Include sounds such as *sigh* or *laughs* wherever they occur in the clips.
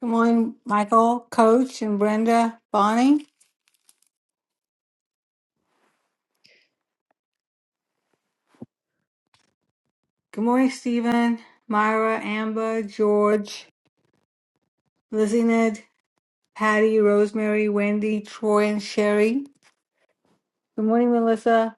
Good morning, Michael, Coach, and Brenda, Bonnie. Good morning, Stephen, Myra, Amber, George, Lizzie, Ned, Patty, Rosemary, Wendy, Troy, and Sherry. Good morning, Melissa.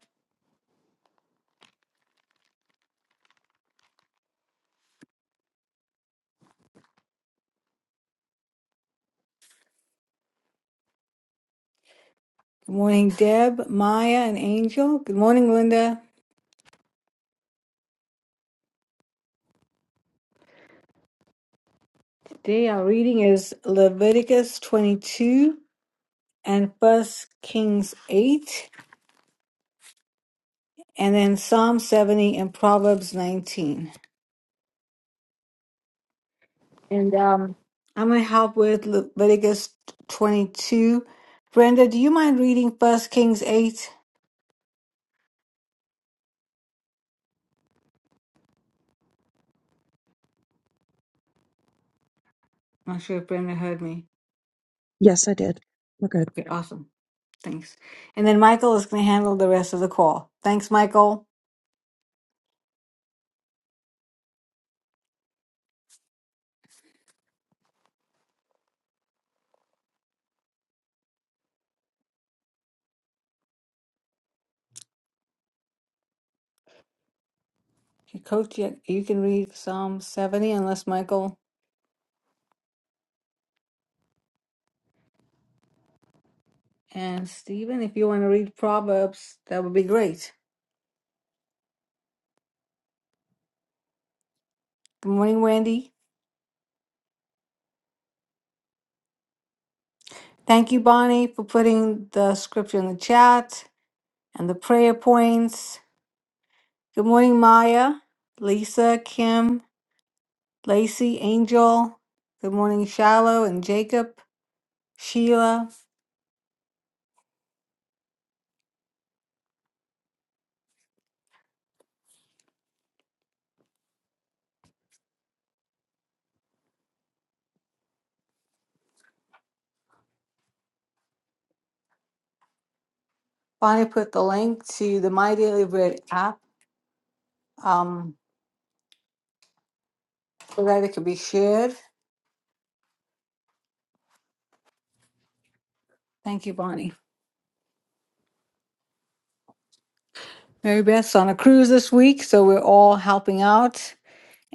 Good morning, Deb, Maya, and Angel. Good morning, Linda. Today our reading is Leviticus 22 and First Kings 8, and then Psalm 70 and Proverbs 19. And um, I'm going to help with Leviticus 22. Brenda, do you mind reading First Kings 8? I'm not sure if Brenda heard me. Yes, I did. We're good. Okay, awesome. Thanks. And then Michael is going to handle the rest of the call. Thanks, Michael. Okay, Coach, you you can read Psalm 70 unless Michael and Stephen, if you want to read Proverbs, that would be great. Good morning, Wendy. Thank you, Bonnie, for putting the scripture in the chat and the prayer points. Good morning, Maya, Lisa, Kim, Lacey, Angel. Good morning, Shallow and Jacob, Sheila. Bonnie put the link to the My Daily Bread app um, so that it could be shared. Thank you, Bonnie. Mary Beth's on a cruise this week, so we're all helping out.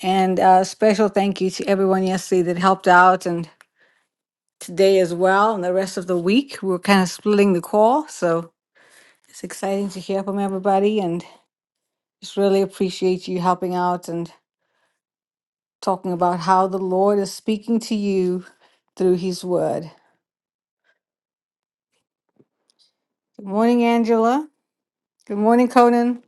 And a special thank you to everyone yesterday that helped out and today as well, and the rest of the week. We're kind of splitting the call, so it's exciting to hear from everybody. Just really appreciate you helping out and talking about how the Lord is speaking to you through His Word. Good morning, Angela. Good morning, Conan.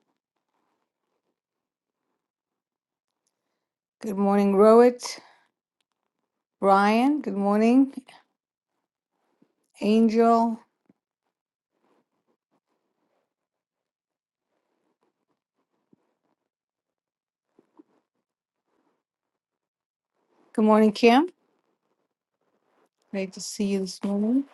Good morning, Rohit. Brian. Good morning, Angel. Good morning, Kim. Great to see you this morning.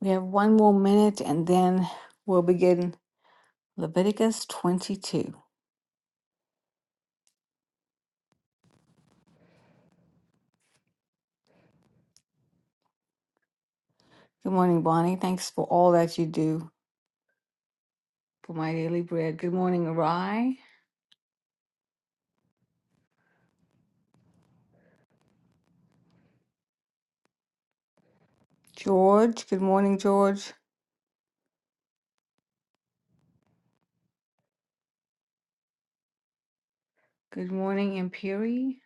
We have one more minute and then we'll begin Leviticus 22. Good morning, Bonnie. Thanks for all that you do for my daily bread. Good morning, Arai. George. Good morning, George. Good morning, Imperi.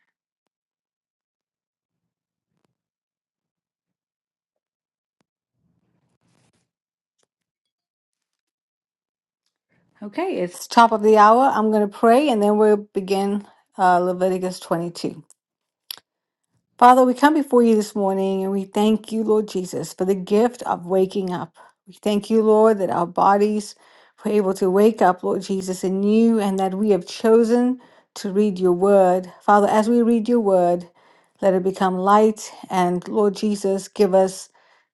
Okay, it's top of the hour. I'm going to pray and then we'll begin uh, Leviticus 22. Father, we come before you this morning and we thank you, Lord Jesus, for the gift of waking up. We thank you, Lord, that our bodies were able to wake up, Lord Jesus, in you and that we have chosen to read your word. Father, as we read your word, let it become light and, Lord Jesus, give us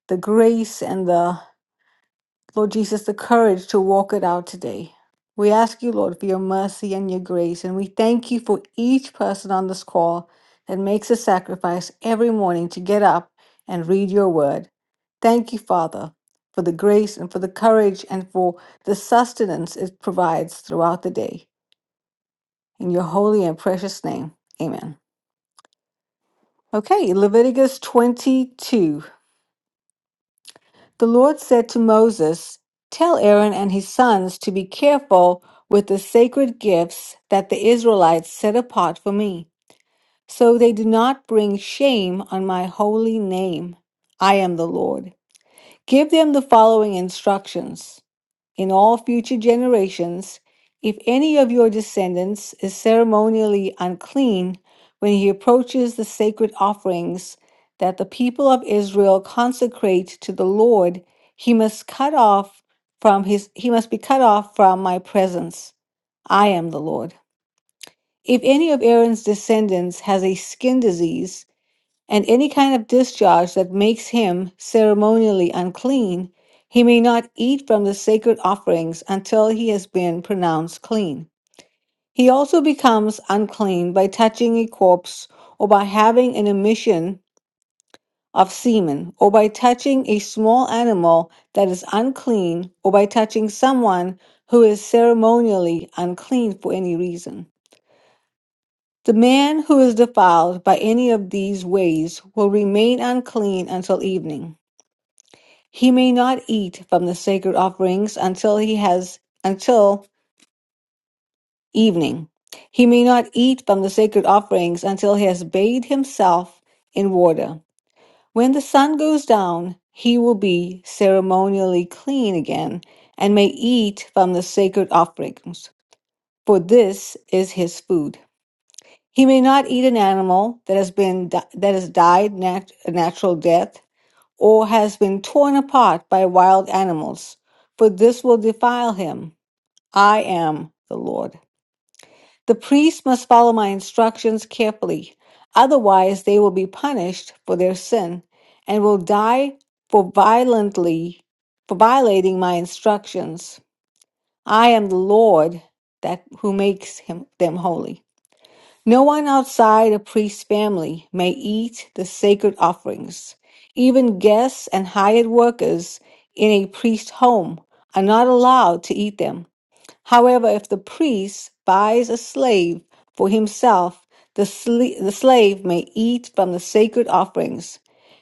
the grace and the Lord Jesus, the courage to walk it out today. We ask you, Lord, for your mercy and your grace. And we thank you for each person on this call that makes a sacrifice every morning to get up and read your word. Thank you, Father, for the grace and for the courage and for the sustenance it provides throughout the day. In your holy and precious name, amen. Okay, Leviticus 22. The Lord said to Moses, Tell Aaron and his sons to be careful with the sacred gifts that the Israelites set apart for me, so they do not bring shame on my holy name. I am the Lord. Give them the following instructions in all future generations, if any of your descendants is ceremonially unclean when he approaches the sacred offerings that the people of Israel consecrate to the Lord, he must cut off from his he must be cut off from my presence. I am the Lord. If any of Aaron's descendants has a skin disease, and any kind of discharge that makes him ceremonially unclean, he may not eat from the sacred offerings until he has been pronounced clean. He also becomes unclean by touching a corpse or by having an emission of semen or by touching a small animal that is unclean or by touching someone who is ceremonially unclean for any reason. The man who is defiled by any of these ways will remain unclean until evening. He may not eat from the sacred offerings until he has until evening. He may not eat from the sacred offerings until he has bathed himself in water. When the sun goes down, he will be ceremonially clean again and may eat from the sacred offerings, for this is his food. He may not eat an animal that has been that has died nat- a natural death or has been torn apart by wild animals, for this will defile him. I am the Lord. The priests must follow my instructions carefully, otherwise, they will be punished for their sin and will die for violently for violating my instructions. I am the Lord that who makes him them holy. No one outside a priest's family may eat the sacred offerings. Even guests and hired workers in a priest's home are not allowed to eat them. However, if the priest buys a slave for himself, the, sl- the slave may eat from the sacred offerings.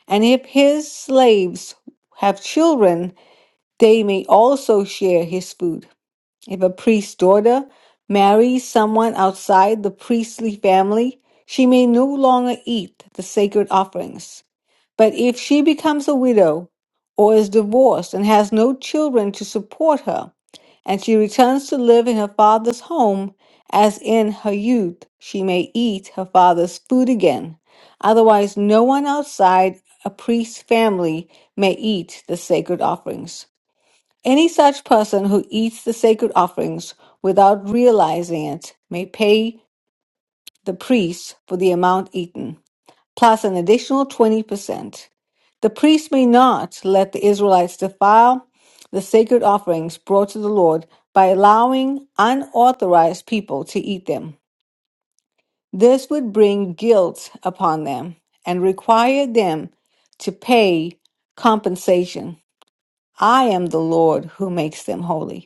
And if his slaves have children, they may also share his food. If a priest's daughter marries someone outside the priestly family, she may no longer eat the sacred offerings. But if she becomes a widow or is divorced and has no children to support her, and she returns to live in her father's home as in her youth, she may eat her father's food again. Otherwise, no one outside a priest's family may eat the sacred offerings. Any such person who eats the sacred offerings without realizing it may pay the priest for the amount eaten, plus an additional 20%. The priest may not let the Israelites defile the sacred offerings brought to the Lord by allowing unauthorized people to eat them. This would bring guilt upon them and require them to pay compensation. I am the Lord who makes them holy.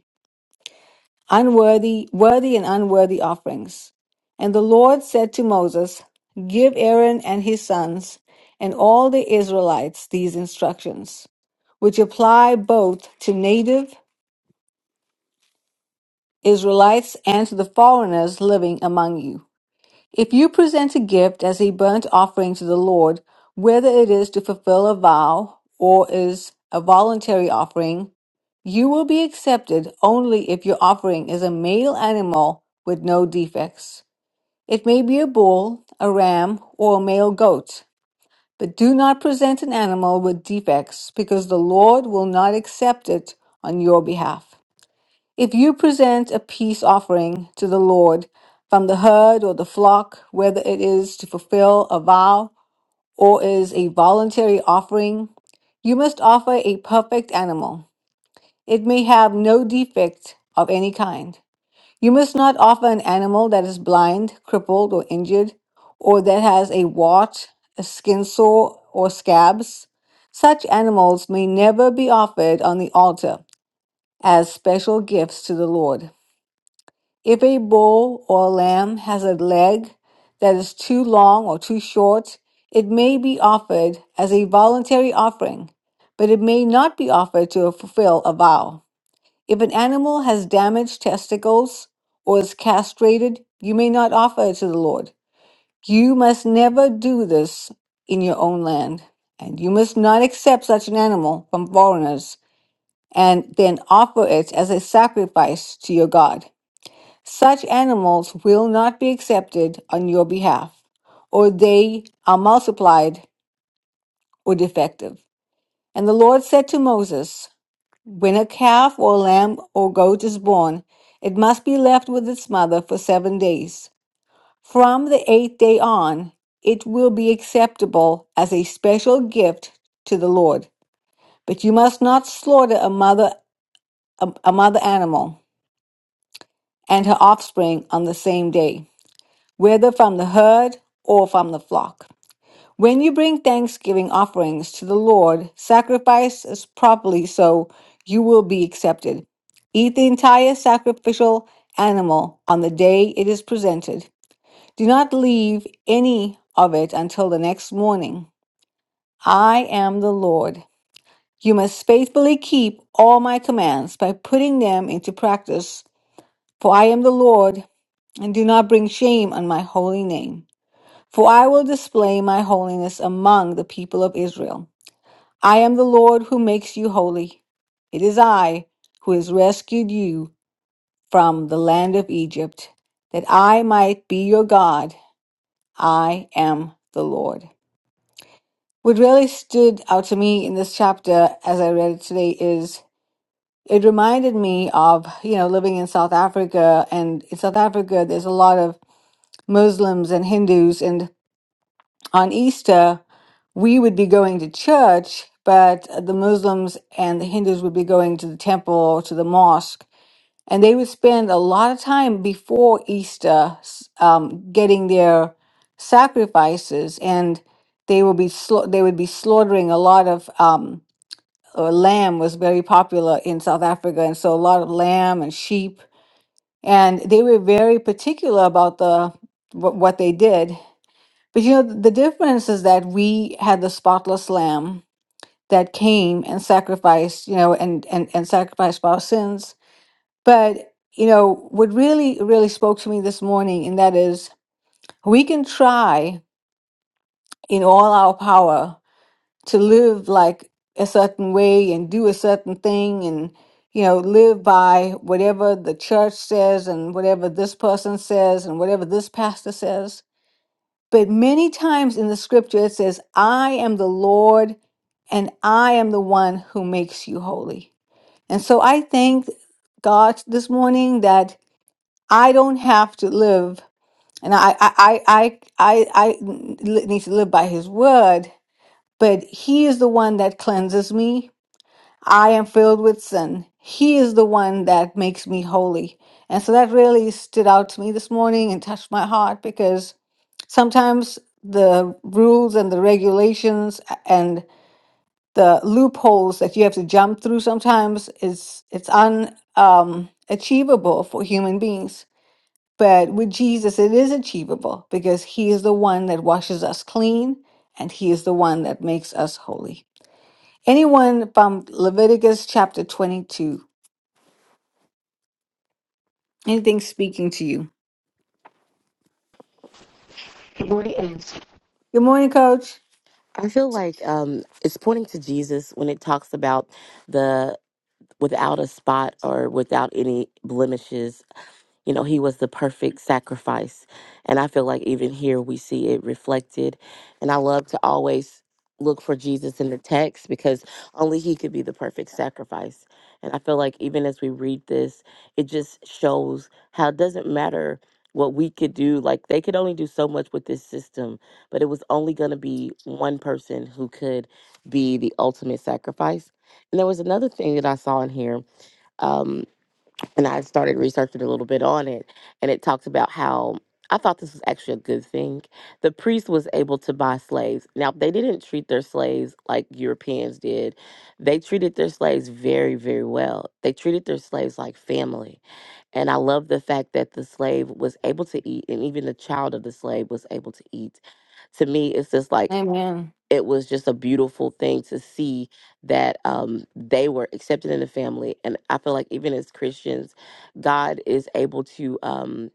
unworthy, worthy and unworthy offerings. And the Lord said to Moses, Give Aaron and his sons and all the Israelites these instructions, which apply both to native Israelites and to the foreigners living among you. If you present a gift as a burnt offering to the Lord, whether it is to fulfill a vow or is a voluntary offering, you will be accepted only if your offering is a male animal with no defects. It may be a bull, a ram, or a male goat, but do not present an animal with defects because the Lord will not accept it on your behalf. If you present a peace offering to the Lord from the herd or the flock, whether it is to fulfill a vow or is a voluntary offering, you must offer a perfect animal. It may have no defect of any kind. You must not offer an animal that is blind, crippled, or injured, or that has a wart, a skin sore, or scabs. Such animals may never be offered on the altar as special gifts to the Lord. If a bull or lamb has a leg that is too long or too short, it may be offered as a voluntary offering, but it may not be offered to fulfill a vow. If an animal has damaged testicles or is castrated, you may not offer it to the Lord. You must never do this in your own land, and you must not accept such an animal from foreigners and then offer it as a sacrifice to your God. Such animals will not be accepted on your behalf, or they are multiplied or defective. And the Lord said to Moses, When a calf or a lamb or goat is born, it must be left with its mother for seven days. From the eighth day on, it will be acceptable as a special gift to the Lord. But you must not slaughter a mother, a, a mother animal and her offspring on the same day. whether from the herd or from the flock. When you bring thanksgiving offerings to the Lord, sacrifice as properly so you will be accepted. Eat the entire sacrificial animal on the day it is presented. Do not leave any of it until the next morning. I am the Lord. You must faithfully keep all my commands by putting them into practice, for I am the Lord, and do not bring shame on my holy name. For I will display my holiness among the people of Israel. I am the Lord who makes you holy. It is I who has rescued you from the land of Egypt, that I might be your God. I am the Lord. What really stood out to me in this chapter as I read it today is it reminded me of, you know, living in South Africa. And in South Africa, there's a lot of Muslims and Hindus. and. on Easter, we would be going to church, but the Muslims and the Hindus would be going to the temple or to the mosque. And they would spend a lot of time before Easter s- um, getting their sacrifices, and they will be sla- they would be slaughtering a lot of um, uh, lamb was very popular in South Africa, and so a lot of lamb and sheep, and they were very particular about the what what they did but you know, the difference is that we had the spotless lamb that came and sacrificed, you know, and and and sacrificed for our sins. But you know, what really really spoke to me this morning, and that is, we can try in all our power to live like a certain way and do a certain thing, and you know, live by whatever the church says and whatever this person says and whatever this pastor says But many times in the scripture, it says, I am the Lord and I am the one who makes you holy. And so I thank God this morning that I don't have to live, and I, I, I, I, I I need to live by his word, but he is the one that cleanses me. I am filled with sin. He is the one that makes me holy. And so that really stood out to me this morning and touched my heart because sometimes the rules and the regulations and the loopholes that you have to jump through sometimes is it's un um, achievable for human beings but with jesus it is achievable because he is the one that washes us clean and he is the one that makes us holy anyone from leviticus chapter 22 anything speaking to you Good morning, Ace. good morning coach I feel like um, it's pointing to Jesus when it talks about the without a spot or without any blemishes you know, he was the perfect sacrifice. And I feel like even here we see it reflected. And I love to always look for Jesus in the text because only he could be the perfect sacrifice. And I feel like even as we read this, it just shows how it doesn't matter what we could do. Like they could only do so much with this system, but it was only going to be one person who could be the ultimate sacrifice. And there was another thing that I saw in here. Um, and I started researching a little bit on it, and it talks about how I thought this was actually a good thing. The priest was able to buy slaves. Now, they didn't treat their slaves like Europeans did. They treated their slaves very, very well. They treated their slaves like family. And I love the fact that the slave was able to eat, and even the child of the slave was able to eat. To me, it's just like amen it was just a beautiful thing to see that um, they were accepted in the family. And I feel like even as Christians, God is able to um,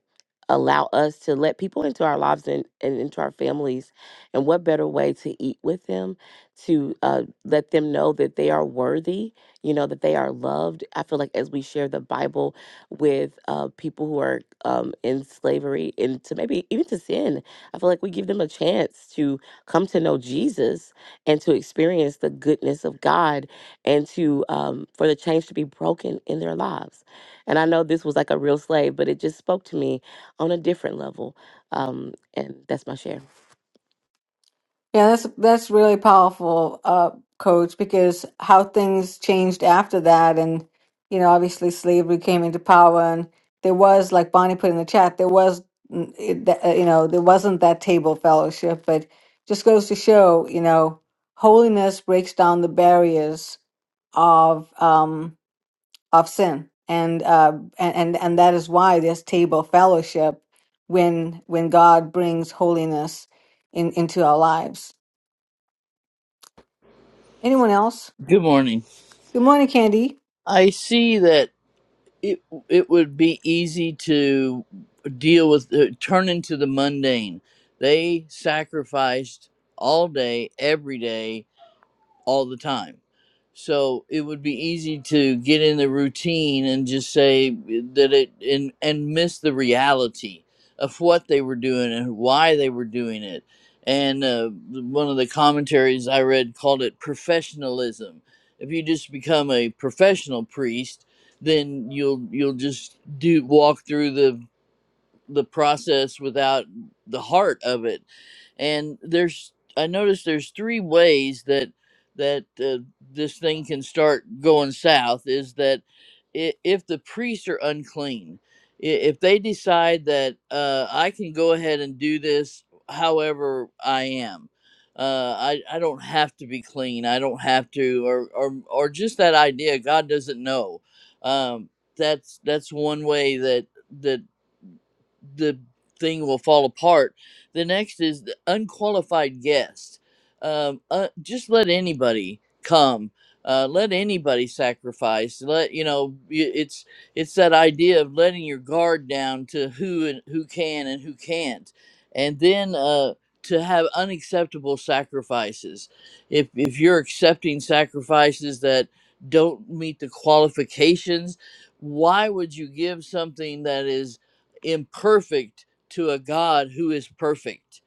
allow us to let people into our lives and, and into our families. And what better way to eat with them, to uh, let them know that they are worthy, you know, that they are loved. I feel like as we share the Bible with uh, people who are um, in slavery and to maybe even to sin, I feel like we give them a chance to come to know Jesus and to experience the goodness of God and to um, for the chains to be broken in their lives. And I know this was like a real slave, but it just spoke to me on a different level. Um, and that's my share. Yeah, that's that's really powerful, uh, Coach, because how things changed after that, and you know, obviously slavery came into power, and there was, like Bonnie put in the chat, there was, mm, it, th- uh, you know, there wasn't that table fellowship, but just goes to show, you know, holiness breaks down the barriers of um of sin, and uh and and, and that is why there's table fellowship when when God brings holiness in into our lives. Anyone else? Good morning. Good morning, Candy. I see that it it would be easy to deal with uh, turn into the mundane. They sacrificed all day, every day, all the time. So it would be easy to get in the routine and just say that it and and miss the reality of what they were doing and why they were doing it. And uh, one of the commentaries I read called it professionalism. If you just become a professional priest, then you'll you'll just do walk through the the process without the heart of it and there's i noticed there's three ways that that uh, this thing can start going south is that i- if the priests are unclean i- if they decide that uh, i can go ahead and do this however i am uh, I, I don't have to be clean i don't have to or or, or just that idea god doesn't know um, that's that's one way that that the thing will fall apart. The next is the unqualified guest. Um, uh, just let anybody come. Uh, let anybody sacrifice. Let you know y- it's it's that idea of letting your guard down to who and who can and who can't, and then uh, to have unacceptable sacrifices. If if you're accepting sacrifices that don't meet the qualifications, why would you give something that is? imperfect to a God who is perfect.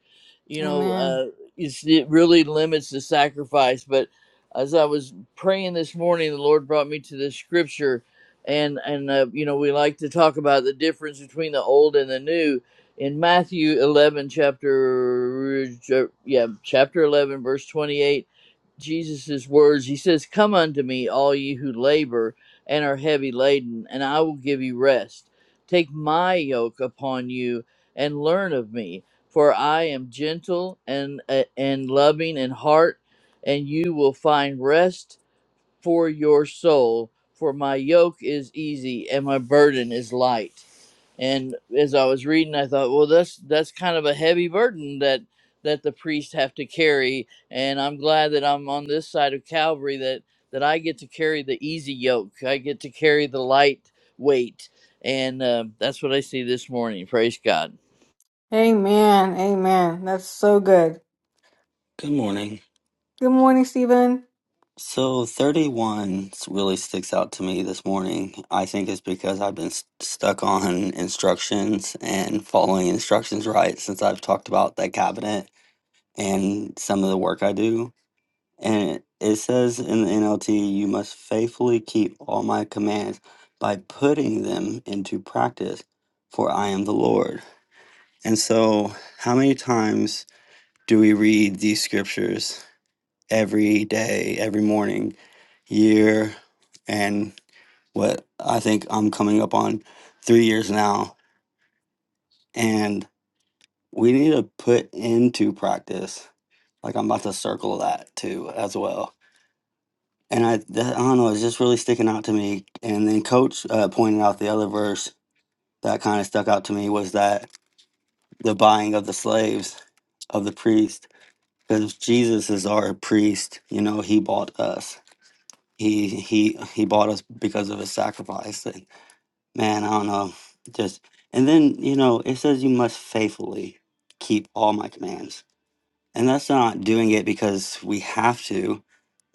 You know, Amen. uh, it's, it really limits the sacrifice. But as I was praying this morning, the Lord brought me to this scripture, and and uh, you know we like to talk about the difference between the old and the new. In Matthew eleven, chapter uh, yeah, chapter eleven, verse twenty eight Jesus' words. He says, Come unto me, all ye who labor and are heavy laden, and I will give you rest. Take my yoke upon you and learn of me, for I am gentle and, uh, and loving in heart, and you will find rest for your soul, for my yoke is easy and my burden is light. And as I was reading, I thought, well, that's that's kind of a heavy burden that that the priests have to carry. And I'm glad that I'm on this side of Calvary that that I get to carry the easy yoke. I get to carry the light weight, and uh, that's what I see this morning. Praise God. Amen. Amen. That's so good. Good morning. Good morning, Stephen. So 31 really sticks out to me this morning. I think it's because I've been st- stuck on instructions and following instructions right since I've talked about that cabinet and some of the work I do. And it, it says in the NLT, you must faithfully keep all my commands by putting them into practice, for I am the Lord. And so, how many times do we read these scriptures every day, every morning, year, and what I think I'm coming up on three years now. And we need to put into practice. Like I'm about to circle that too as well. And I, that, I don't know, it's just really sticking out to me. And then Coach uh, pointed out the other verse that kind of stuck out to me was that the buying of the slaves of the priest, because Jesus is our priest. You know, he bought us. he he he bought us because of his sacrifice and man i don't know just and then you know it says you must faithfully keep all my commands and that's not doing it because we have to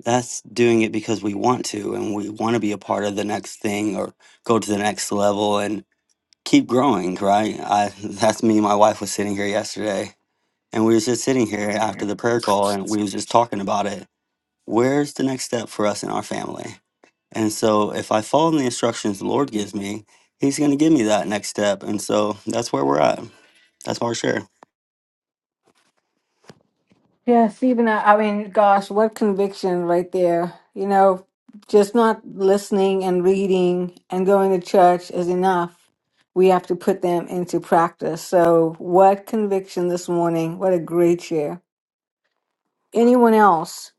that's doing it because we want to and we want to be a part of the next thing or go to the next level and keep growing right i that's me and my wife was sitting here yesterday and we was just sitting here after the prayer call and we was just talking about it where's the next step for us in our family and so if I follow the instructions the Lord gives me, He's going to give me that next step. And so that's where we're at. That's my share. Yeah, Stephen, I, I mean, gosh, what conviction right there. You know, just not listening and reading and going to church is enough. We have to put them into practice. So, what conviction this morning? What a great share. Anyone else?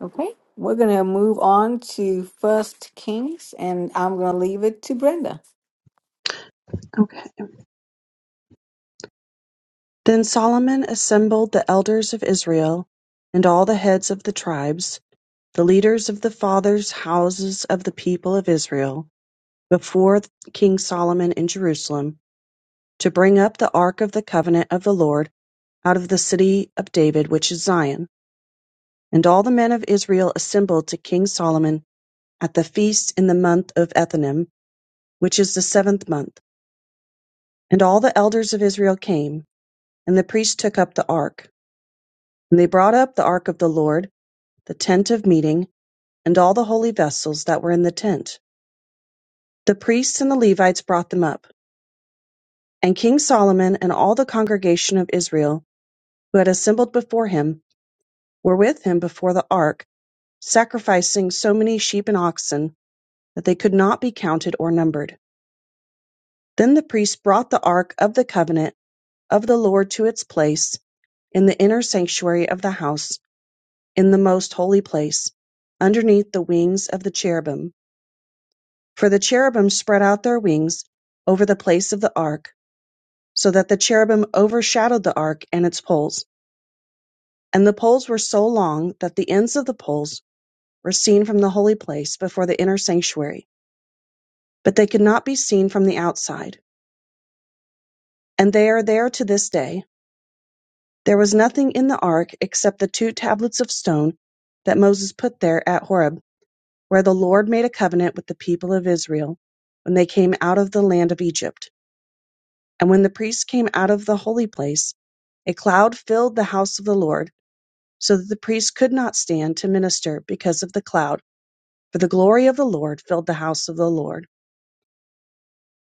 Okay. We're going to move on to First Kings, and I'm going to leave it to Brenda. Okay. Then Solomon assembled the elders of Israel and all the heads of the tribes, the leaders of the fathers' houses of the people of Israel, before King Solomon in Jerusalem, to bring up the ark of the covenant of the Lord out of the city of David, which is Zion. And all the men of Israel assembled to King Solomon at the feast in the month of Ethanim, which is the seventh month. And all the elders of Israel came, and the priests took up the ark. And they brought up the ark of the Lord, the tent of meeting, and all the holy vessels that were in the tent. The priests and the Levites brought them up. And King Solomon and all the congregation of Israel, who had assembled before him, were with him before the ark, sacrificing so many sheep and oxen that they could not be counted or numbered. Then the priests brought the ark of the covenant of the Lord to its place in the inner sanctuary of the house, in the most holy place, underneath the wings of the cherubim. For the cherubim spread out their wings over the place of the ark, so that the cherubim overshadowed the ark and its poles. And the poles were so long that the ends of the poles were seen from the holy place before the inner sanctuary, but they could not be seen from the outside. And they are there to this day. There was nothing in the ark except the two tablets of stone that Moses put there at Horeb, where the Lord made a covenant with the people of Israel when they came out of the land of Egypt. And when the priests came out of the holy place, a cloud filled the house of the Lord, so that the priests could not stand to minister because of the cloud, for the glory of the Lord filled the house of the Lord.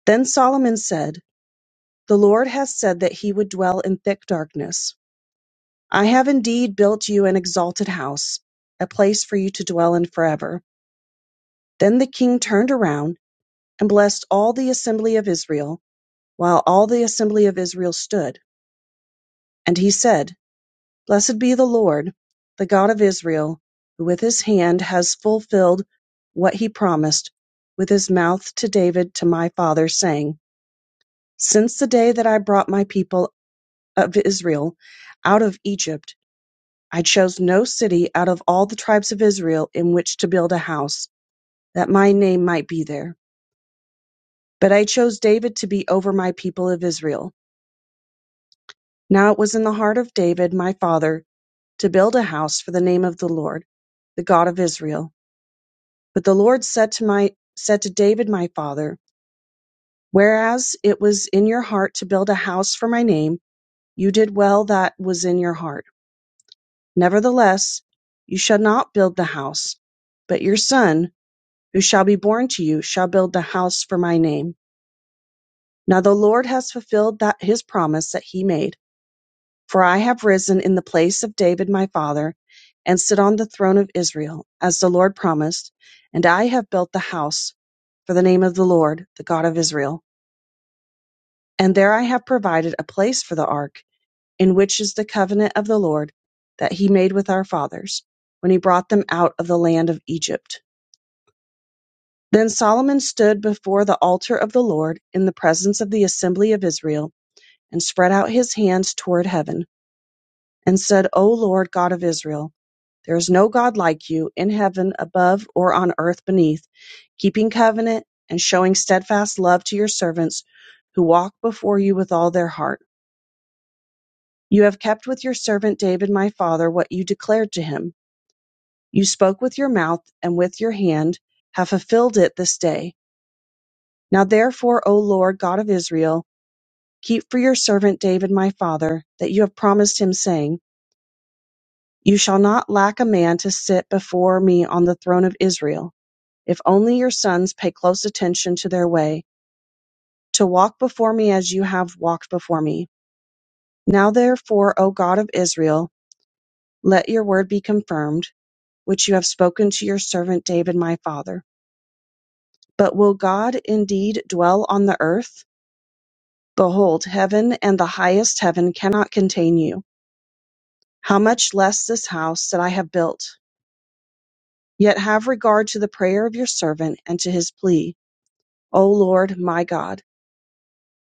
Then Solomon said, The Lord has said that he would dwell in thick darkness. I have indeed built you an exalted house, a place for you to dwell in forever. Then the king turned around and blessed all the assembly of Israel, while all the assembly of Israel stood. And he said, Blessed be the Lord, the God of Israel, who with his hand has fulfilled what he promised with his mouth to David, to my father, saying, Since the day that I brought my people of Israel out of Egypt, I chose no city out of all the tribes of Israel in which to build a house, that my name might be there. But I chose David to be over my people of Israel. Now it was in the heart of David, my father, to build a house for the name of the Lord, the God of Israel. But the Lord said to my said to David my father, Whereas it was in your heart to build a house for my name, you did well that was in your heart. Nevertheless, you shall not build the house, but your son, who shall be born to you, shall build the house for my name. Now the Lord has fulfilled that his promise that he made, for I have risen in the place of David my father, and sit on the throne of Israel, as the Lord promised, and I have built the house for the name of the Lord, the God of Israel. And there I have provided a place for the ark, in which is the covenant of the Lord that he made with our fathers, when he brought them out of the land of Egypt. Then Solomon stood before the altar of the Lord in the presence of the assembly of Israel, and spread out his hands toward heaven, and said, O Lord God of Israel, there is no God like you in heaven above or on earth beneath, keeping covenant and showing steadfast love to your servants who walk before you with all their heart. You have kept with your servant David my father what you declared to him. You spoke with your mouth and with your hand have fulfilled it this day. Now therefore, O Lord God of Israel, keep for your servant David my father that you have promised him, saying, You shall not lack a man to sit before me on the throne of Israel. If only your sons pay close attention to their way, to walk before me as you have walked before me. Now therefore, O God of Israel, let your word be confirmed which you have spoken to your servant David my father. But will God indeed dwell on the earth? Behold, heaven and the highest heaven cannot contain you. How much less this house that I have built? Yet have regard to the prayer of your servant and to his plea, O Lord my God,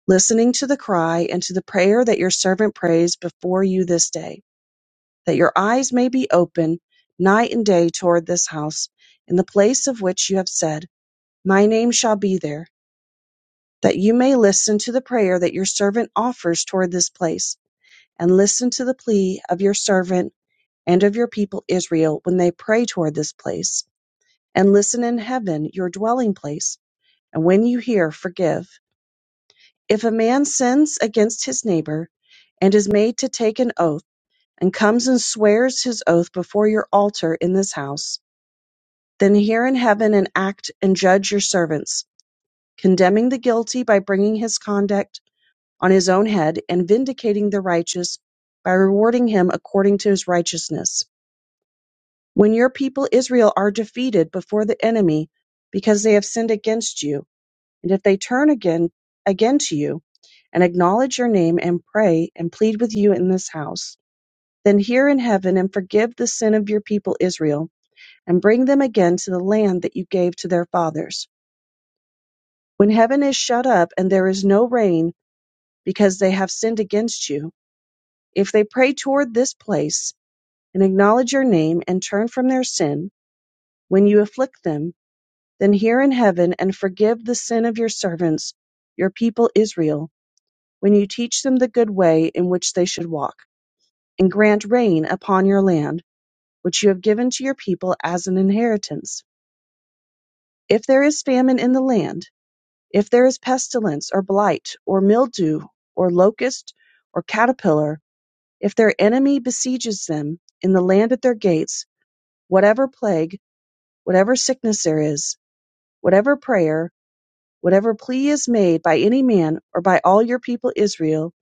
listening to the cry and to the prayer that your servant prays before you this day, that your eyes may be open night and day toward this house, in the place of which you have said, My name shall be there that you may listen to the prayer that your servant offers toward this place, and listen to the plea of your servant and of your people Israel when they pray toward this place, and listen in heaven, your dwelling place. And when you hear, forgive. If a man sins against his neighbor and is made to take an oath, and comes and swears his oath before your altar in this house, then hear in heaven and act and judge your servants, condemning the guilty by bringing his conduct on his own head and vindicating the righteous by rewarding him according to his righteousness. When your people Israel are defeated before the enemy because they have sinned against you, and if they turn again again to you and acknowledge your name and pray and plead with you in this house, then hear in heaven and forgive the sin of your people Israel and bring them again to the land that you gave to their fathers. When heaven is shut up and there is no rain because they have sinned against you, If they pray toward this place, and acknowledge your name, and turn from their sin, when you afflict them, then hear in heaven and forgive the sin of your servants, your people Israel, when you teach them the good way in which they should walk, and grant rain upon your land, which you have given to your people as an inheritance. If there is famine in the land, if there is pestilence, or blight, or mildew, or locust, or caterpillar, if their enemy besieges them in the land at their gates, Whatever plague, whatever sickness there is, whatever prayer, whatever plea is made by any man, or by all your people Israel,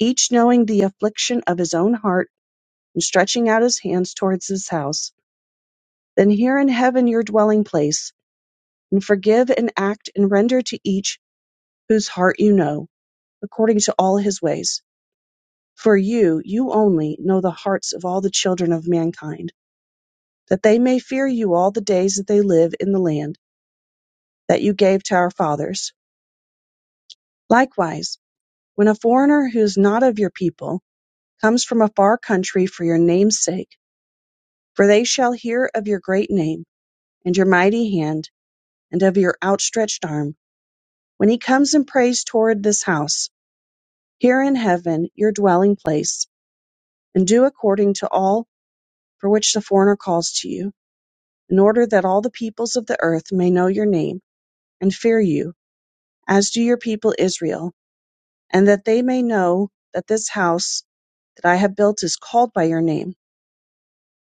each knowing the affliction of his own heart, and stretching out his hands towards his house, then hear in heaven your dwelling place, and forgive and act and render to each whose heart you know, according to all his ways. For you, you only, know the hearts of all the children of mankind, that they may fear you all the days that they live in the land that you gave to our fathers Likewise, when a foreigner who is not of your people comes from a far country for your name's sake, for they shall hear of your great name, and your mighty hand, and of your outstretched arm, when he comes and prays toward this house, here in heaven, your dwelling place, and do according to all for which the foreigner calls to you, in order that all the peoples of the earth may know your name, and fear you, as do your people Israel, and that they may know that this house that I have built is called by your name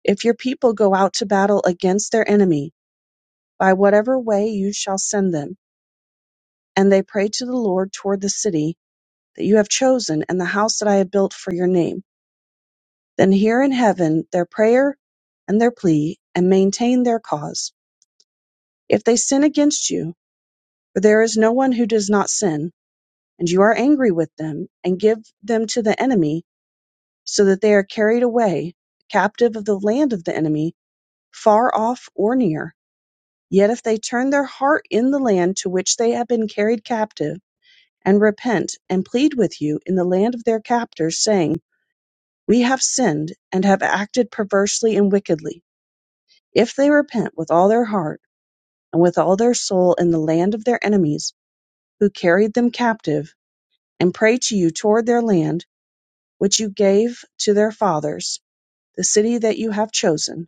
If your people go out to battle against their enemy, by whatever way you shall send them, and they pray to the Lord toward the city that you have chosen and the house that I have built for your name, then hear in heaven their prayer and their plea, and maintain their cause. If they sin against you, for there is no one who does not sin, and you are angry with them, and give them to the enemy, so that they are carried away, captive of the land of the enemy, far off or near, Yet if they turn their heart in the land to which they have been carried captive, and repent, and plead with you in the land of their captors, saying, We have sinned, and have acted perversely and wickedly; if they repent with all their heart, and with all their soul in the land of their enemies, who carried them captive, and pray to you toward their land, which you gave to their fathers, the city that you have chosen,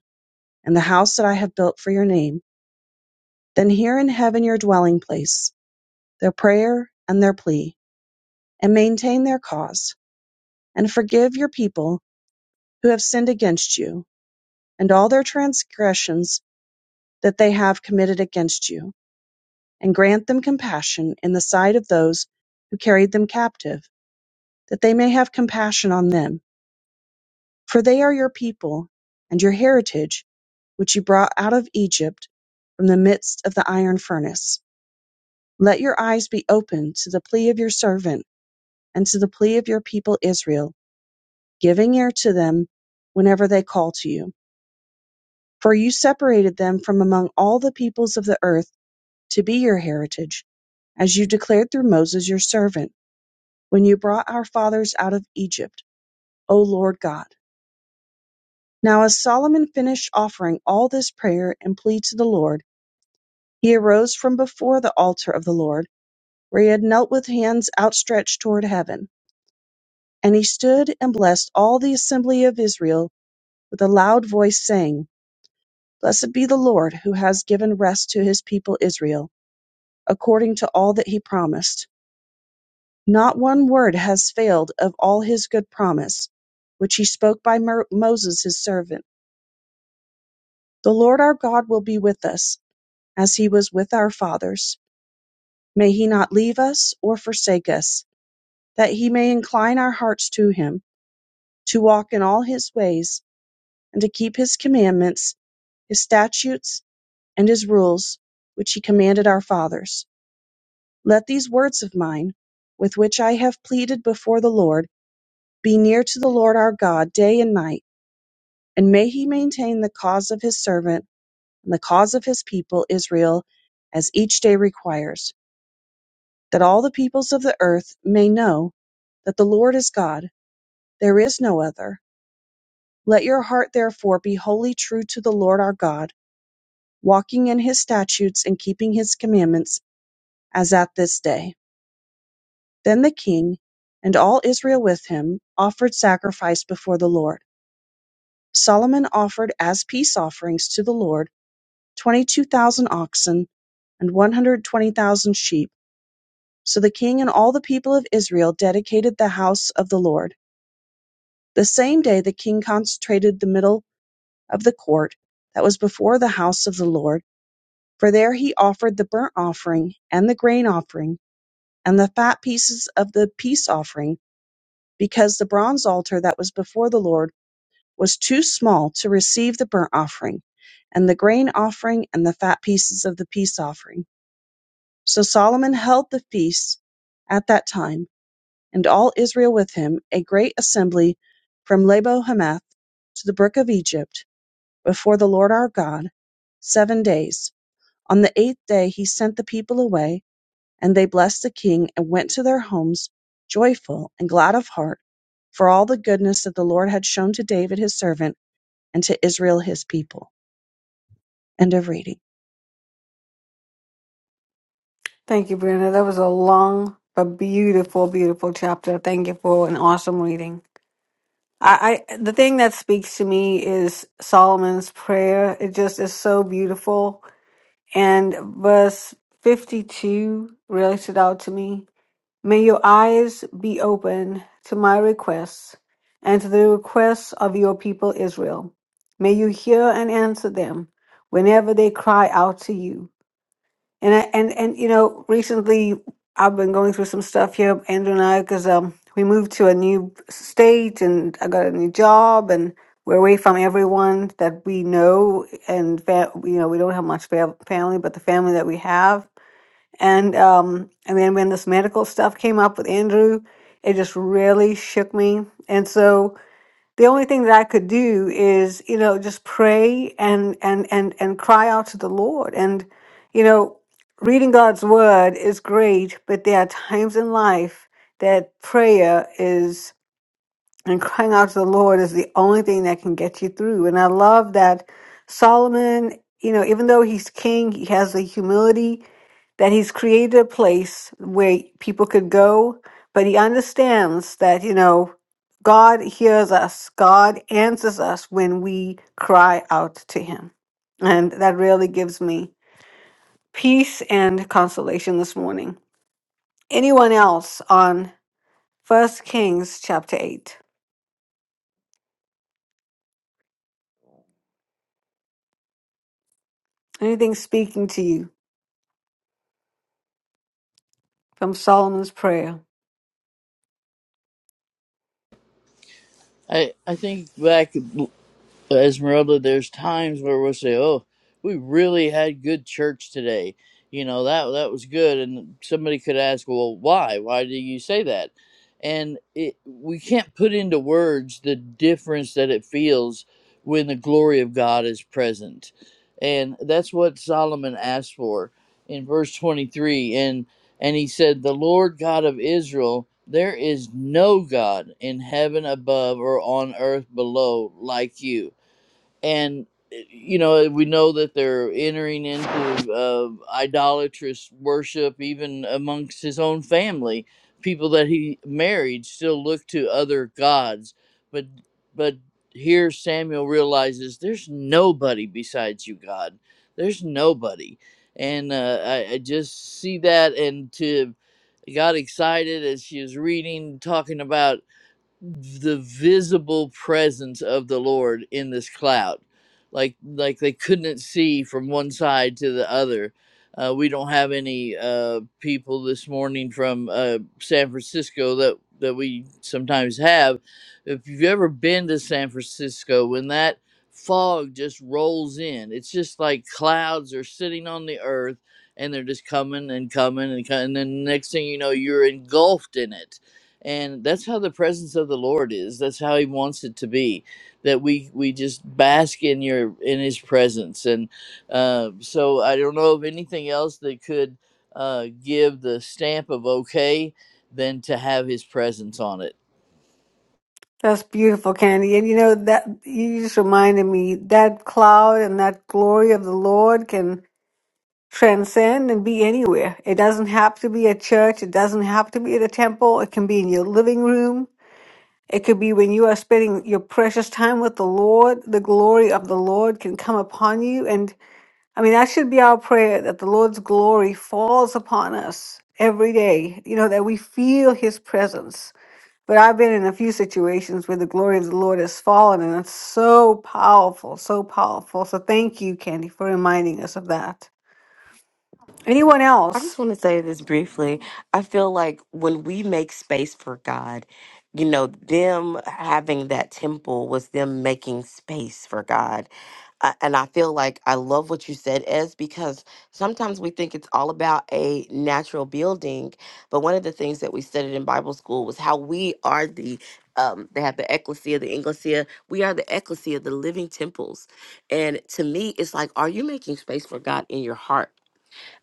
and the house that I have built for your name, then hear in heaven your dwelling place, their prayer and their plea and maintain their cause, and forgive your people who have sinned against you, and all their transgressions that they have committed against you, and grant them compassion in the sight of those who carried them captive, that they may have compassion on them. For they are your people, and your heritage, which you brought out of Egypt from the midst of the iron furnace. Let your eyes be opened to the plea of your servant, and to the plea of your people Israel giving ear to them whenever they call to you. For you separated them from among all the peoples of the earth to be your heritage, as you declared through Moses your servant, when you brought our fathers out of Egypt, O Lord God. Now, as Solomon finished offering all this prayer and plea to the Lord, he arose from before the altar of the Lord, where he had knelt with hands outstretched toward heaven. And he stood and blessed all the assembly of Israel with a loud voice, saying, Blessed be the Lord, who has given rest to his people Israel, according to all that he promised. Not one word has failed of all his good promise, which he spoke by Mo- Moses his servant. The Lord our God will be with us, as he was with our fathers. May he not leave us or forsake us, that he may incline our hearts to him, to walk in all his ways, and to keep his commandments, his statutes, and his rules, which he commanded our fathers Let these words of mine, with which I have pleaded before the Lord, be near to the Lord our God day and night, and may he maintain the cause of his servant and the cause of his people Israel as each day requires, that all the peoples of the earth may know that the Lord is God, there is no other. Let your heart therefore be wholly true to the Lord our God, walking in his statutes and keeping his commandments as at this day. Then the king, and all Israel with him, offered sacrifice before the Lord. Solomon offered as peace offerings to the Lord twenty-two thousand oxen and one hundred twenty thousand sheep. So the king and all the people of Israel dedicated the house of the Lord. The same day the king consecrated the middle of the court that was before the house of the Lord, for there he offered the burnt offering and the grain offering and the fat pieces of the peace offering because the bronze altar that was before the Lord was too small to receive the burnt offering, and the grain offering, and the fat pieces of the peace offering. So Solomon held the feast at that time, and all Israel with him, a great assembly from Labo Hamath to the brook of Egypt, before the Lord our God, seven days. On the eighth day he sent the people away and they blessed the king and went to their homes joyful and glad of heart for all the goodness that the Lord had shown to David his servant and to Israel his people. End of reading. Thank you, Brianna. That was a long but beautiful, beautiful chapter. Thank you for an awesome reading. I, I the thing that speaks to me is Solomon's prayer. It just is so beautiful. And verse fifty two really stood out to me. May your eyes be open to my requests and to the requests of your people Israel. May you hear and answer them whenever they cry out to you. And I, and and you know, recently I've been going through some stuff here, Andrew and I, because um we moved to a new state and I got a new job and we're away from everyone that we know and fa- you know we don't have much fa- family, but the family that we have. And um and then when this medical stuff came up with Andrew, it just really shook me. And so the only thing that I could do is, you know, just pray and and and and cry out to the Lord. And, you know, reading God's word is great, but there are times in life that prayer is and crying out to the Lord is the only thing that can get you through. And I love that Solomon, you know, even though he's king, he has the humility that he's created a place where people could go, but he understands that, you know, God hears us, God answers us when we cry out to him. And that really gives me peace and consolation this morning. Anyone else on First Kings chapter 8? Anything speaking to you from Solomon's prayer? I, I think back. Esmeralda, there's times where we'll say, "Oh, we really had good church today. You know that that was good." And somebody could ask, "Well, why? Why do you say that?" And it, we can't put into words the difference that it feels when the glory of God is present, and that's what Solomon asked for in verse 23. And and he said, "The Lord God of Israel." There is no God in heaven above or on earth below like you and eh, you know we know that they're entering into uh, idolatrous worship even amongst his own family people that he married still look to other gods but but here samuel realizes there's nobody besides you god there's nobody and uh, I, I just see that and to got excited as she was reading talking about the visible presence of the Lord in this cloud. Like like they couldn't see from one side to the other. Uh, we don't have any uh, people this morning from uh, San Francisco that that we sometimes have. If you've ever been to San Francisco, when that fog just rolls in, it's just like clouds are sitting on the earth and they're just coming and coming and coming. And then next thing you know, you're engulfed in it and that's how the presence of the lord is that's how he wants it to be that we we just bask in your in his presence and uh, so i don't know of anything else that could uh, give the stamp of okay than to have his presence on it That's beautiful, Candy. And you know that you just reminded me that cloud and that glory of the Lord can transcend and be anywhere. It doesn't have to be a church. It doesn't have to be at a temple. It can be in your living room. It could be when you are spending your precious time with the Lord. The glory of the Lord can come upon you. And I mean, that should be our prayer that the Lord's glory falls upon us every day, you know, that we feel his presence. But I've been in a few situations where the glory of the Lord has fallen, and it's so powerful, so powerful. So thank you, Candy, for reminding us of that. Anyone I else? just want to say this briefly. I feel like when we make space for God, you know, them having that temple was them making space for God. I- and I feel like I love what you said, Ez, because sometimes we think it's all about a natural building. But one of the things that we studied in Bible school was how we are the, um, they have the ecclesia, the inglesia. We are the ecclesia, the living temples. And to me, it's like, are you making space for God in your heart?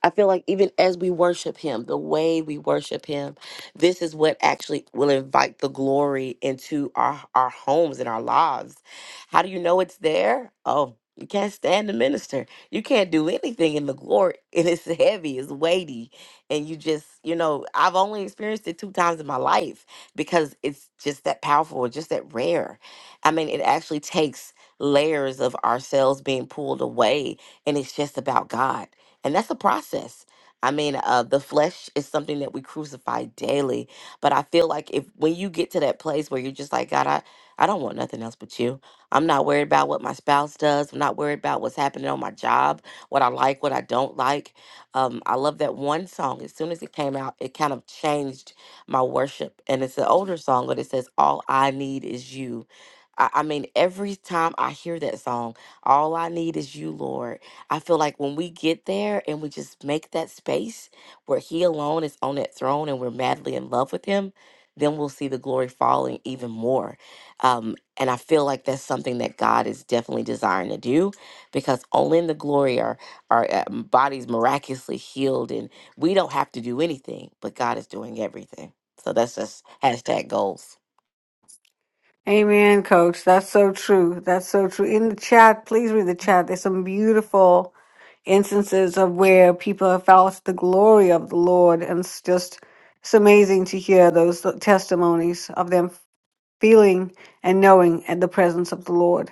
I feel like even as we worship him, the way we worship him, this is what actually will invite the glory into our, our homes and our lives. How do you know it's there? Oh, you can't stand the minister. You can't do anything in the glory. *laughs* And it's heavy, it's weighty. And you just, you know, I've only experienced it two times in my life because it's just that powerful, just that rare. I mean, it actually takes layers of ourselves being pulled away and it's just about God. And that's a process. I mean, uh, the flesh is something that we crucify daily. But I feel like if when you get to that place where you're just like, God, I, I don't want nothing else but you. I'm not worried about what my spouse does. I'm not worried about what's happening on my job, what I like, what I don't like. Um, I love that one song. As soon as it came out, it kind of changed my worship. And it's an older song, but it says, All I need is you. I, I mean, every time I hear that song, all I need is you, Lord. I feel like when we get there and we just make that space where He alone is on that throne and we're madly in love with Him, then we'll see the glory falling even more. Um, and I feel like that's something that God is definitely desiring to do because only in the glory are our uh, bodies miraculously healed and we don't have to do anything, but God is doing everything. So that's just hashtag goals. Amen, coach. That's so true. That's so true. In the chat, please read the chat. There's some beautiful instances of where people have felt the glory of the Lord. And it's just, it's amazing to hear those testimonies of them feeling and knowing at the presence of the Lord.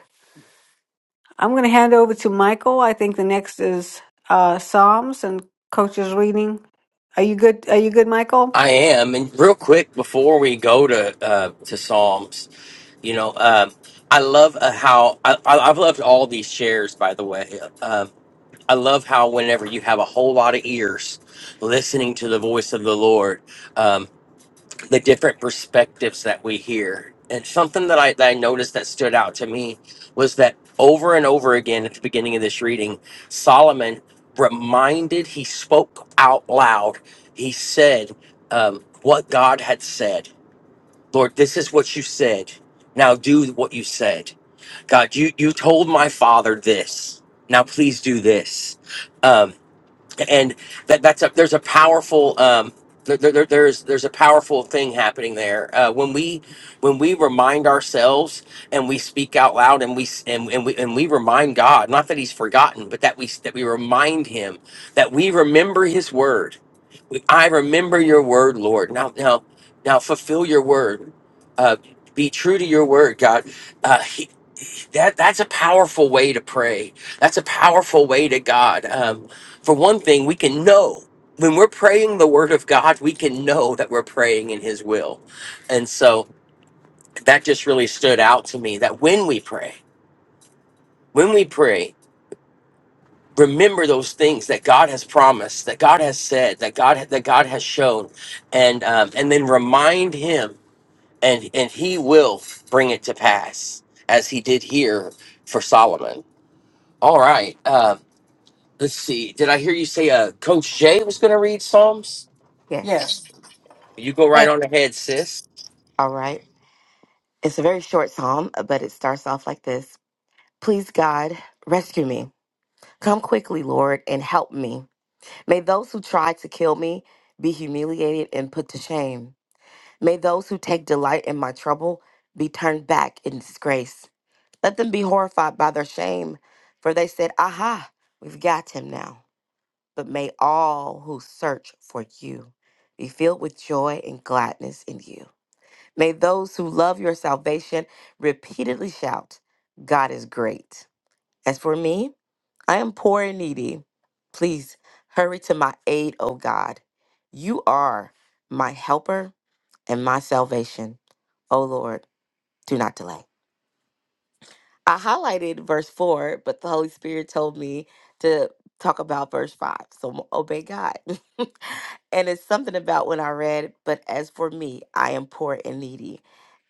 I'm going to hand over to Michael. I think the next is uh, Psalms and Coach is reading. Are you good? Are you good, Michael? I am, and real quick before we go to uh, to Psalms, you know, um, I love uh, how I, I, I've loved all these shares. By the way, um, I love how whenever you have a whole lot of ears listening to the voice of the Lord, um, the different perspectives that we hear. And something that I, that I noticed that stood out to me was that over and over again at the beginning of this reading, Solomon reminded, he spoke out loud, he said um, what God had said. Lord, this is what you said. Now do what you said. God, you, you told my father this. Now please do this. Um, and that that's a there's a powerful um there, there, there's there's a powerful thing happening there uh, when we when we remind ourselves and we speak out loud and we s- and, and we and we remind God not that He's forgotten but that we s- that we remind Him that we remember His word. We, I remember Your word, Lord. Now now now fulfill Your word. Uh, be true to Your word, God. Uh, that that's a powerful way to pray that's a powerful way to god um, for one thing we can know when we're praying the word of god we can know that we're praying in his will and so that just really stood out to me that when we pray when we pray remember those things that god has promised that god has said that god that god has shown and um, and then remind him and and he will bring it to pass as he did here for solomon all right. Um, Let's see. Did I hear you say uh, Coach Jay was going to read Psalms? Yes. Yes. You go right on ahead, sis. All right. It's a very short psalm, uh, but it starts off like this Please, God, rescue me. Come quickly, Lord, and help me. May those who try to kill me be humiliated and put to shame. May those who take delight in my trouble be turned back in disgrace. Let them be horrified by their shame, for they said, Aha, we've got him now. But may all who search for you be filled with joy and gladness in you. May those who love your salvation repeatedly shout, God is great. As for me, I am poor and needy. Please hurry to my aid, O God. You are my helper and my salvation. O Lord, do not delay. I highlighted verse 4, but the Holy Spirit told me to talk about verse 5. So I'm gonna obey God. *laughs* and it's something about when I read, but as for me, I am poor and needy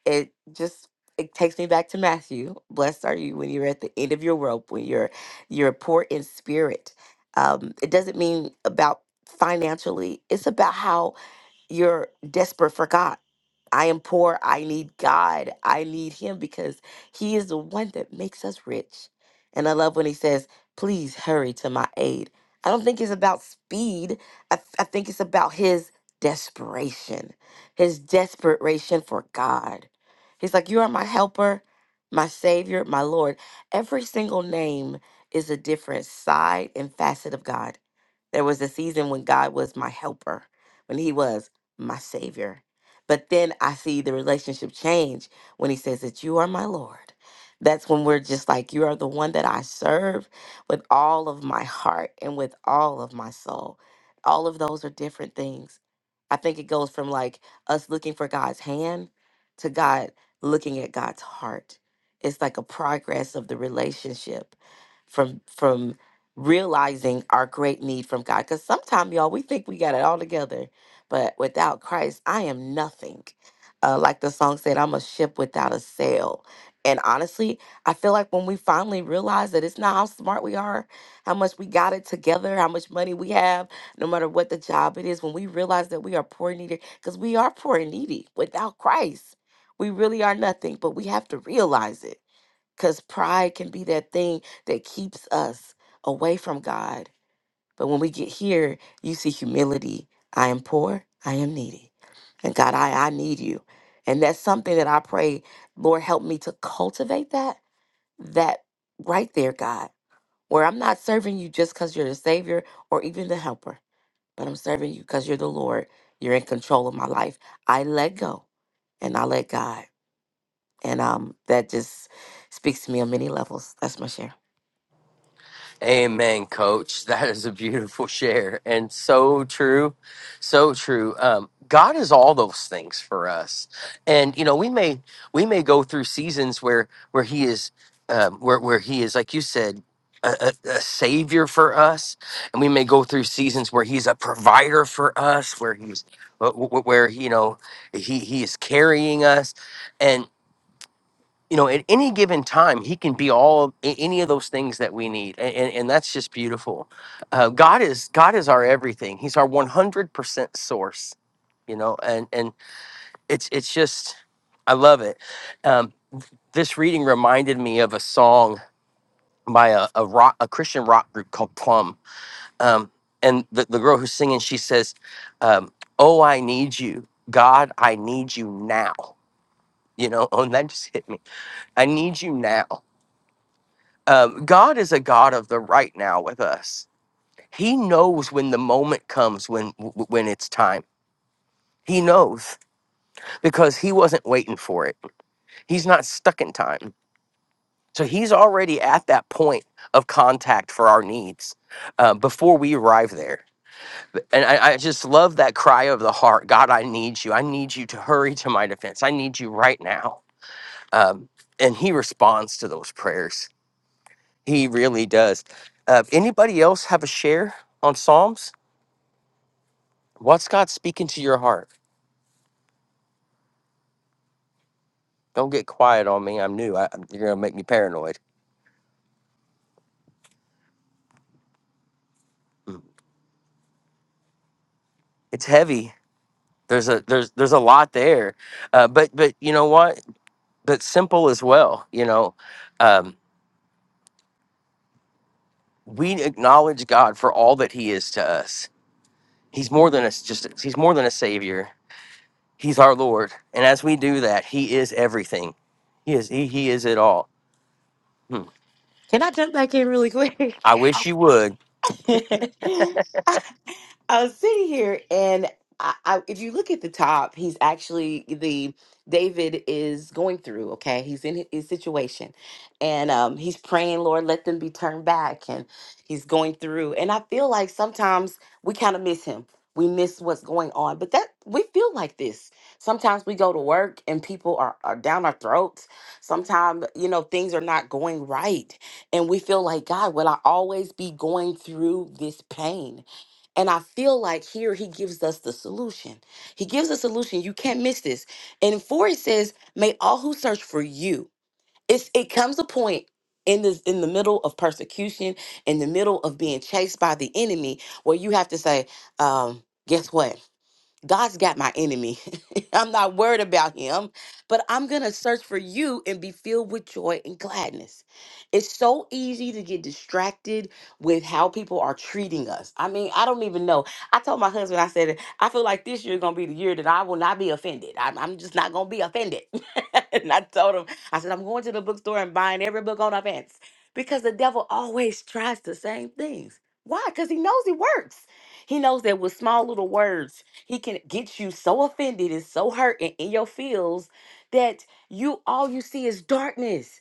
it just it takes me back to Matthew. Blessed are you when you're at the end of your rope, when you're you're poor in spirit. Um, it doesn't mean about financially. It's about how you're desperate for God. I am poor. I need God. I need Him because He is the one that makes us rich. And I love when He says, Please hurry to my aid. I don't think it's about speed, I, th- I think it's about His desperation, His desperation for God. He's like, You are my helper, my Savior, my Lord. Every single name is a different side and facet of God. There was a season when God was my helper, when He was my Savior. But then I see the relationship change when he says that you are my Lord. That's when we're just like, you are the one that I serve with all of my heart and with all of my soul. All of those are different things. I think it goes from like us looking for God's hand to God looking at God's heart. It's like a progress of the relationship from from realizing our great need from God. Because sometimes, y'all, we think we got it all together but without Christ, I am nothing. Uh, like the song said, I'm a ship without a sail. And honestly, I feel like when we finally realize that it's not how smart we are, how much we got it together, how much money we have, no matter what the job it is, when we realize that we are poor and needy, because we are poor and needy without Christ, we really are nothing, but we have to realize it because pride can be that thing that keeps us away from God but when we get here, you see humility. I am poor, I am needy. And God, I, I need you. And that's something that I pray, Lord, help me to cultivate that, that right there, God, where I'm not serving you just because you're the Savior or even the Helper, but I'm serving you because you're the Lord. You're in control of my life. I let go and I let God. And um, that just speaks to me on many levels. That's my share. Amen, coach. *laughs* That is a beautiful share and so true. So true. Um, God is all those things for us. And you know, we may we may go through seasons where where he is um, where where he is like you said a, a, a savior for us, and we may go through seasons where he's a provider for us, where he's wh- wh- where you know he he is carrying us, you know, at any given time, He can be all a- any of those things that we need, a- and, and that's just beautiful. Uh, God is God is our everything. He's our one hundred percent source. You know, and and it's it's just I love it. Um, this reading reminded me of a song by a, a rock a Christian rock group called Plum, um, and the the girl who's singing she says, um, "Oh, I need you, God, I need you now." You know, *laughs* oh, and that just hit me. I need you now. um, God is a God of the right now with us. He knows when the moment comes when w- when it's time. He knows because he wasn't waiting for it. He's not stuck in time. So he's already at that point of contact for our needs uh, before we arrive there. And I, I just love that cry of the heart God, I need you. I need you to hurry to my defense. I need you right now. Um, and he responds to those prayers He really does. Uh, anybody else have a share on Psalms? What's God speaking to your heart? Don't get quiet on me. I'm new. I, you're gonna make me paranoid. Mm. It's heavy. There's a there's there's a lot there, uh, but but you know what? But simple as well. You know, um, we acknowledge God for all that He is to us. He's more than a s just He's more than a savior. He's our Lord, and as we do that, He is everything. He is He, he is it all. Hmm. Can I jump back in really quick? I wish you would. *laughs* I was sitting here, and I, I, if you look at the top, he's actually the David is going through. Okay, he's in his situation, and um, he's praying, Lord, let them be turned back, and he's going through. And I feel like sometimes we kind of miss him. We miss what's going on, but that we feel like this. Sometimes we go to work and people are, are down our throats. Sometimes, you know, things are not going right. And we feel like, God, will I always be going through this pain? And I feel like here he gives us the solution. He gives a solution. You can't miss this. And four it says, "May all who search for you." It's it comes a point in this in the middle of persecution, in the middle of being chased by the enemy, where you have to say, um, "Guess what? God's got my enemy. *laughs* I'm not worried about him, but I'm going to search for you and be filled with joy and gladness. It's so easy to get distracted with how people are treating us. I mean, I don't even know. I told my husband, I said, I feel like this year is going to be the year that I will not be offended. I'm, I'm just not going to be offended. *laughs* and I told him, I said, I'm going to the bookstore and buying every book on offense because the devil always tries the same things. Why? Because he knows it works. He knows that with small little words, he can get you so offended and so hurt and in your feels that you all you see is darkness.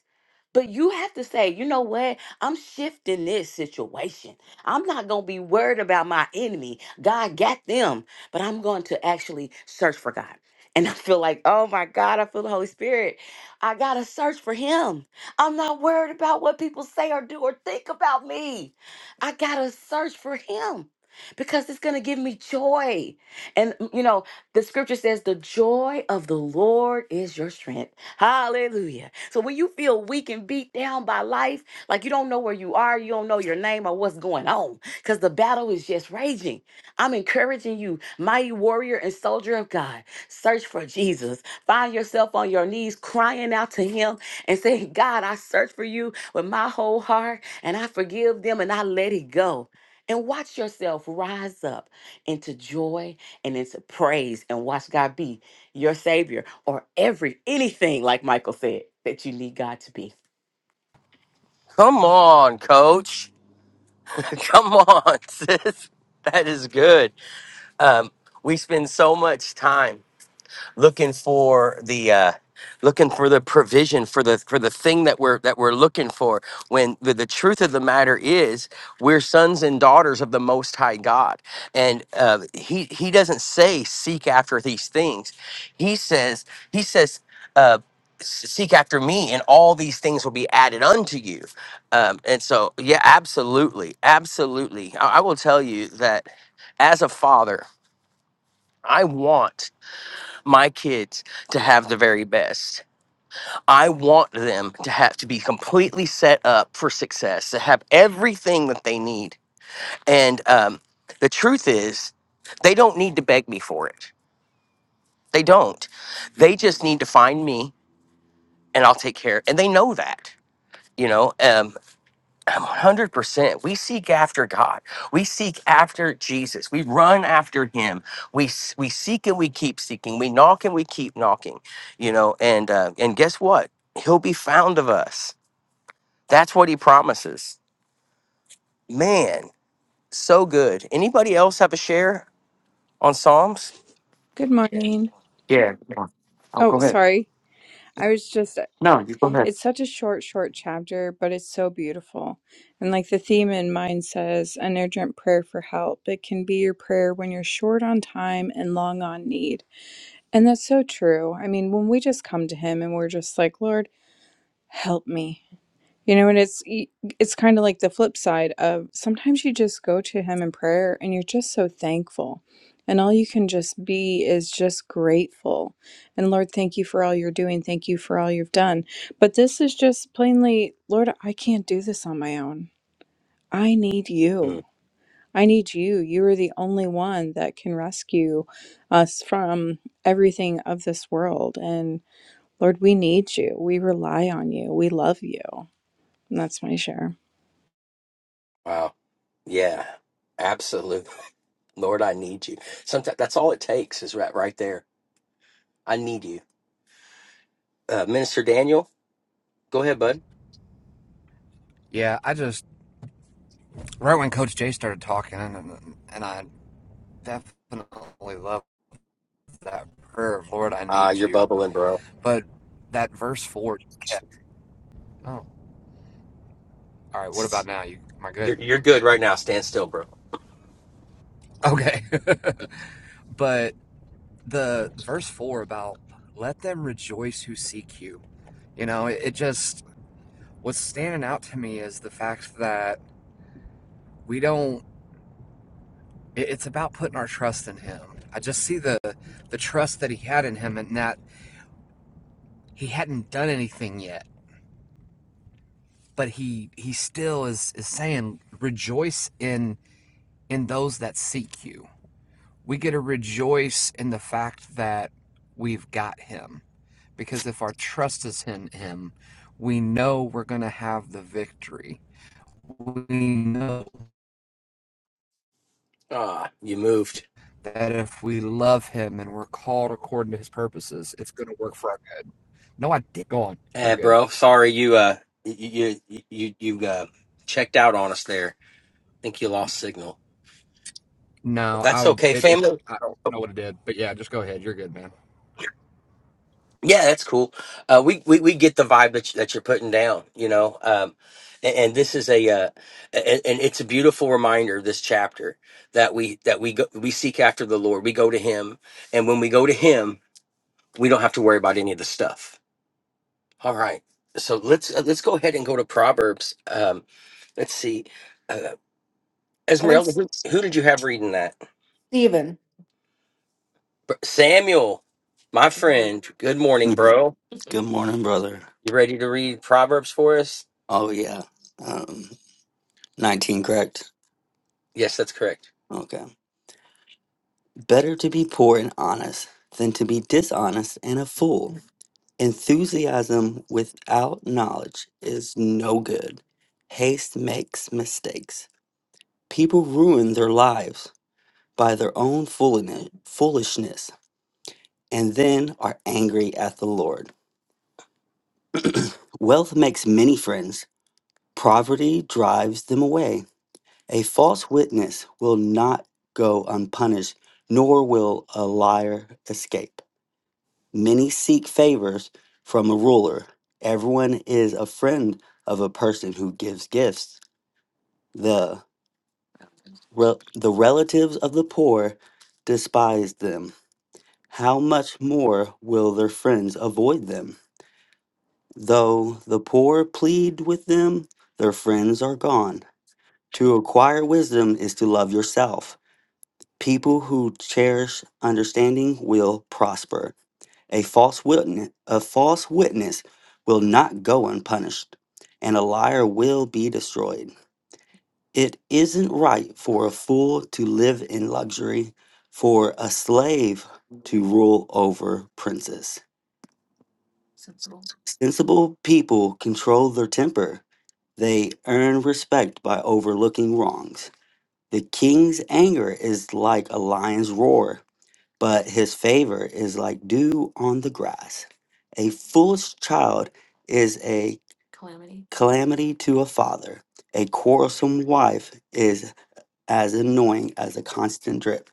But you have to say, you know what? I'm shifting this situation. I'm not going to be worried about my enemy. God got them, but I'm going to actually search for God. And *laughs* I feel like, oh my God, I feel the Holy Spirit. I got to search for Him. I'm not worried about what people say or do or think about me. I got to search for Him because it's going to give me joy. And, you know, the scripture says, the joy of the Lord is your strength. Hallelujah. So when you feel weak and beat down by life, like you don't know where you are, you don't know your name or what's going on, because the battle is just raging. I'm encouraging you, mighty warrior and soldier of God, search for Jesus. Find yourself on your knees crying out to him and saying, God, I search for you with my whole heart and I forgive them and I let it go. And watch yourself rise up into joy and into praise and watch God be your savior or every anything like Michael said that you need God to be. Come on, coach. *laughs* Come on, sis. That is good. Um, we spend so much time looking for the uh looking for the provision for the for the thing that we're that we're looking for when the, the truth of the matter is we're sons and daughters of the most high god and uh he he doesn't say seek after these things he says he says uh "S- seek after me and all these things will be added unto you um and so yeah absolutely absolutely i, I will tell you that as a father i want my kids to have the very best. I want them to have to be completely set up for success, to have everything that they need. And um, the truth is, they don't need to beg me for it. They don't. They just need to find me, and I'll take care. And they know that. You know. Um, 100%. We seek after God. We seek after Jesus. We run after him. We s- we seek and we keep seeking. We knock and we keep knocking. You know, and uh, and guess what? He'll be found of us. That's what he promises. Man, so good. Anybody else have a share on Psalms? Good Yeah. morning. Yeah. come on. Oh, Oh, go ahead. sorry. I was just, No, you go ahead. it's such a short, short chapter, but it's so beautiful. And like the theme in mine says, an urgent prayer for help. It can be your prayer when you're short on time and long on need. And that's so true. I mean, when we just come to Him and we're just like, Lord, help me. You know, and it's y- it's kind of like the flip side of sometimes you just go to him in prayer and you're just so thankful. And all you can just be is just grateful. And Lord, thank you for all you're doing. Thank you for all you've done. But this is just plainly, Lord, I can't do this on my own. I need you. I need you. You are the only one that can rescue us from everything of this world. And Lord, we need you. We rely on you. We love you. And that's my share. Wow. Yeah. Absolutely. Lord, I need you. Sometimes that's all it takes is right right there. I need you. Uh, Minister Daniel, go ahead, bud. Yeah, I just right when Coach Jay started talking, and and I definitely love that prayer of Lord, I Ah, need you're you. bubbling, bro. But that verse four just kept. Oh, all right. What about now? You am I good? You're you're good right now. Stand still, bro. Okay. *laughs* but the verse four about let them rejoice who seek you. You know, it, it just what's standing out to me is the fact that we don't. It's about putting our trust in him. I just see the the trust that he had in him, and that he hadn't done anything yet, but he he still is is saying, "Rejoice in in those that seek you." We get to rejoice in the fact that we've got him, because if our trust is in him, we know we're going to have the victory. We know Ah, you moved. that if we love him and we're called according to his purposes, it's going to work for our good. No, I did. Go on. You're Eh, good. bro. Sorry, you uh, you you you you uh, checked out on us there. think you lost signal. No, That's I okay, it, it family. I don't know what it did, but yeah, just go ahead. You're good, man. Yeah, that's cool. Uh, we, we we get the vibe that you, that you're putting down. You know, um, and, and this is a uh, and, and it's a beautiful reminder. This chapter that we that we go, we seek after the Lord. We go to Him, and when we go to Him, we don't have to worry about any of the stuff All right. So let's uh, let's go ahead and go to Proverbs. Um, let's see. Uh, Esmeralda, who, who did you have reading that? Stephen. Br- Samuel, my friend. Good morning, Mhm. bro. Good morning, brother. You ready to read Proverbs for us? Oh, yeah. Um, 19, correct? Yes, that's correct. Okay. Better to be poor and honest than to be dishonest and a fool. Enthusiasm without knowledge is no good. Haste makes mistakes. People ruin their lives by their own fooliness- foolishness. and then are angry at the Lord. Wealth makes many friends, poverty drives them away. A false witness will not go unpunished, nor will a liar escape. Many seek favors from a ruler. Everyone is a friend of a person who gives gifts. The, rel- the relatives of the poor despise them. How much more will their friends avoid them? Though the poor plead with them, their friends are gone. To acquire wisdom is to love yourself. People who cherish understanding will prosper. A false witness, a false witness will not go unpunished, and a liar will be destroyed. It isn't right for a fool to live in luxury, for a slave to rule over princes. Sensible people control their temper They earn respect by overlooking wrongs. The king's anger is like a lion's roar, but his favor is like dew on the grass. A foolish child is a calamity to a father. A quarrelsome wife is as annoying as a constant drip.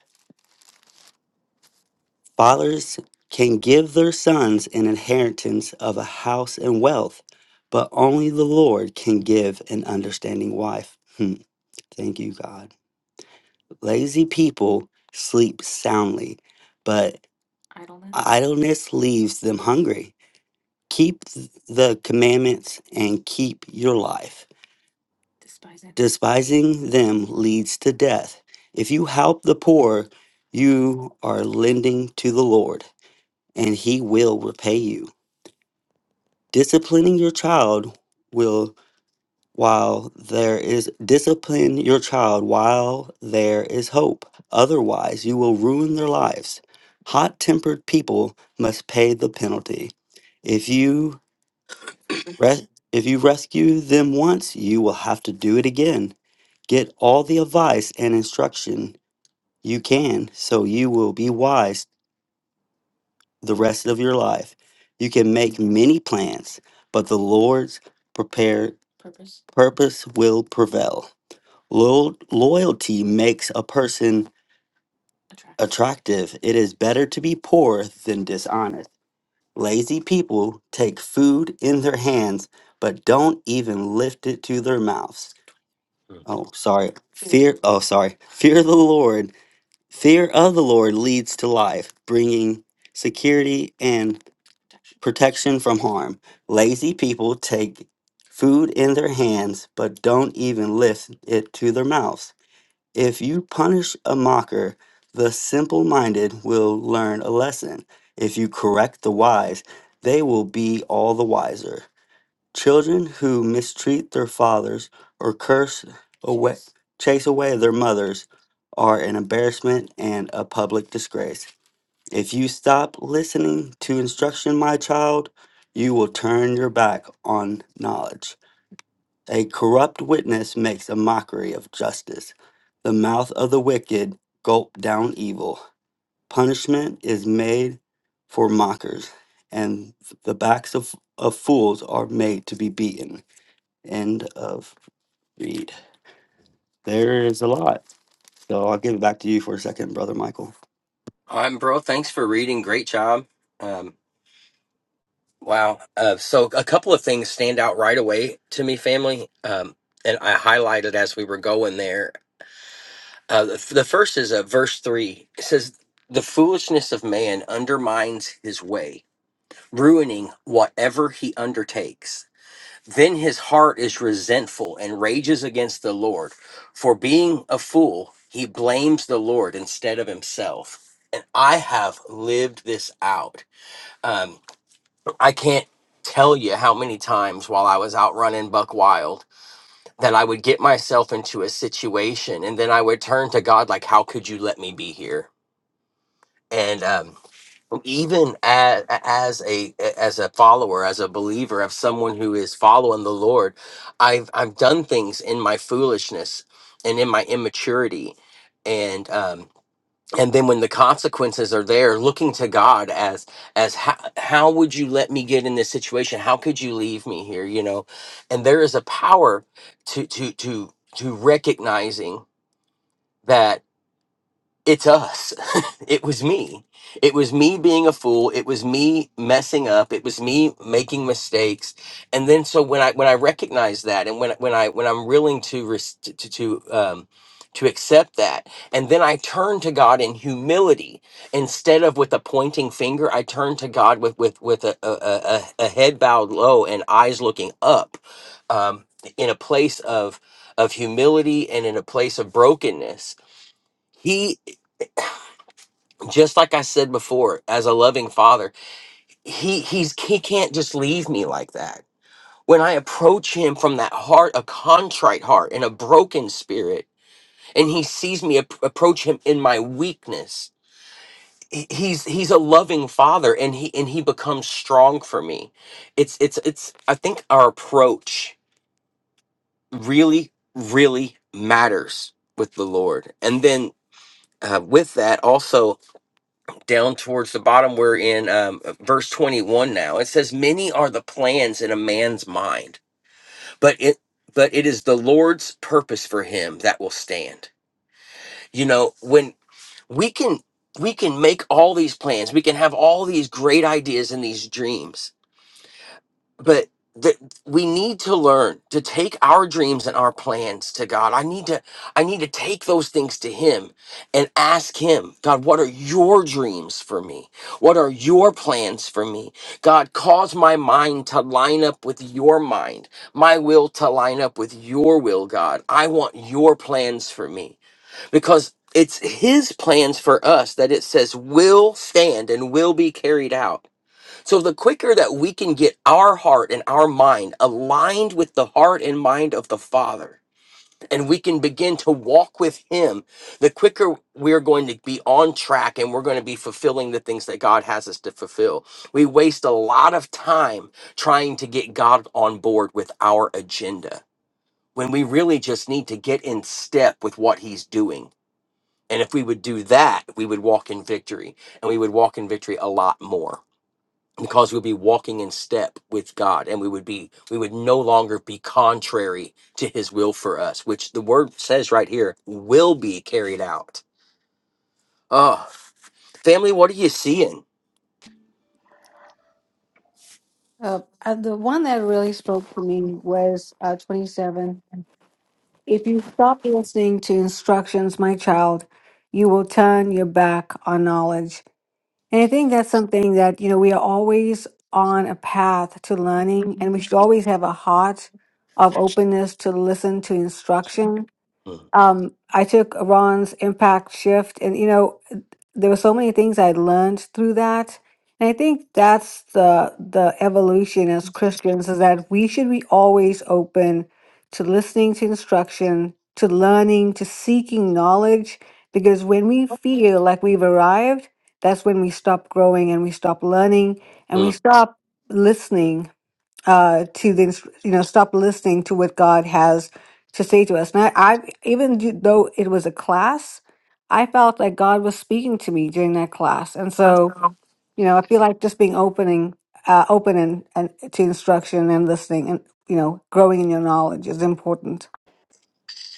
Fathers can give their sons an inheritance of a house and wealth, but only the Lord can give an understanding wife. Hmm. Thank you, God. Lazy people sleep soundly, but idleness idleness leaves them hungry. Keep th- the commandments and keep your life. Despising Despising them leads to death. If you help the poor, you are lending to the Lord, and He will repay you. Disciplining your child will while there is discipline your child while there is hope otherwise you will ruin their lives hot-tempered people must pay the penalty if you res- if you rescue them once you will have to do it again get all the advice and instruction you can so you will be wise the rest of your life you can make many plans but the lord's prepared purpose will prevail Loyal, loyalty makes a person attractive. It is better to be poor than dishonest. Lazy people take food in their hands but don't even lift it to their mouths. Mm. Oh, sorry. Fear, oh, sorry. Fear the Lord. Fear of the Lord leads to life, bringing security and protection from harm. Lazy people take food in their hands but don't even lift it to their mouths. If you punish a mocker, the simple minded will learn a lesson. If you correct the wise, they will be all the wiser. Children who mistreat their fathers or curse away, chase away their mothers are an embarrassment and a public disgrace. If you stop listening to instruction, my child, you will turn your back on knowledge. A corrupt witness makes a mockery of justice. The mouth of the wicked gulp down evil. Punishment is made for mockers, and the backs of, of fools are made to be beaten. End of read. There is a lot. So I'll give it back to you for a second, Brother Michael. All right, bro. Thanks for reading. Great job. Um, wow. Uh, so a couple of things stand out right away to me, family. Um, and I highlighted as we were going there. Uh, the, the first is uh, verse three. It says, "The foolishness of man undermines his way, ruining whatever he undertakes. Then his heart is resentful and rages against the Lord. For being a fool, he blames the Lord instead of himself." And I have lived this out. Um, I can't tell you how many times while I was out running buck wild that I would get myself into a situation and then I would turn to God like how could you let me be here? And um, even as, as a as a follower, as a believer of someone who is following the Lord, I've I've done things in my foolishness and in my immaturity, and um, and then when the consequences are there looking to god as as how, how would you let me get in this situation how could you leave me here you know and there is a power to to to to recognizing that it's us. *laughs* it was me. It was me being a fool. It was me messing up. It was me making mistakes. And then so when I when I recognize that and when when I when I'm willing to res- to to um to accept that and then I turn to God in humility instead of with a pointing finger I turn to God with with with a a, a, a a head bowed low and eyes looking up um in a place of of humility and in a place of brokenness just like I said before, as a loving father, he he's he can't just leave me like that. When I approach him from that heart, a contrite heart and a broken spirit, and he sees me ap- approach him in my weakness, he- he's he's a loving father, and he and he becomes strong for me. It's it's it's. I think our approach really really matters with the Lord, and then uh, with that also down towards the bottom we're in um, verse 21 now it says many are the plans in a man's mind but it but it is the lord's purpose for him that will stand you know when we can we can make all these plans we can have all these great ideas and these dreams but th- we need to learn to take our dreams and our plans to god i need to i need to take those things to him and ask him god what are your dreams for me what are your plans for me god cause my mind to line up with your mind my will to line up with your will god i want your plans for me because it's his plans for us that it says will stand and will be carried out so the quicker that we can get our heart and our mind aligned with the heart and mind of the Father, and we can begin to walk with Him, the quicker we're going to be on track and we're going to be fulfilling the things that God has us to fulfill. We waste a lot of time trying to get God on board with our agenda when we really just need to get in step with what He's doing. And if we would do that, we would walk in victory and we would walk in victory a lot more because we'd be walking in step with God and we would be we would no longer be contrary to his will for us which the word says right here will be carried out oh family what are you seeing Uh, uh, the one that really spoke to me was uh, 27. If you stop listening to instructions, my child, you will turn your back on knowledge. And I think that's something that, you know, we are always on a path to learning, and we should always have a heart of openness to listen to instruction. Mm, Um, I took Ron's impact shift, and, you know, there were so many things I learned through that. And I think that's the the evolution as Christians is that we should be always open to listening to instruction, to learning, to seeking knowledge, because when we feel like we've arrived, that's when we stop growing and we stop learning and we mm. stop listening uh, to the inst- you know stop listening to what God has to say to us. And I, I even do- though it was a class, I felt like God was speaking to me during that class, and so you know I feel like just being opening, uh, open and, and to instruction and listening, and you know growing in your knowledge is important.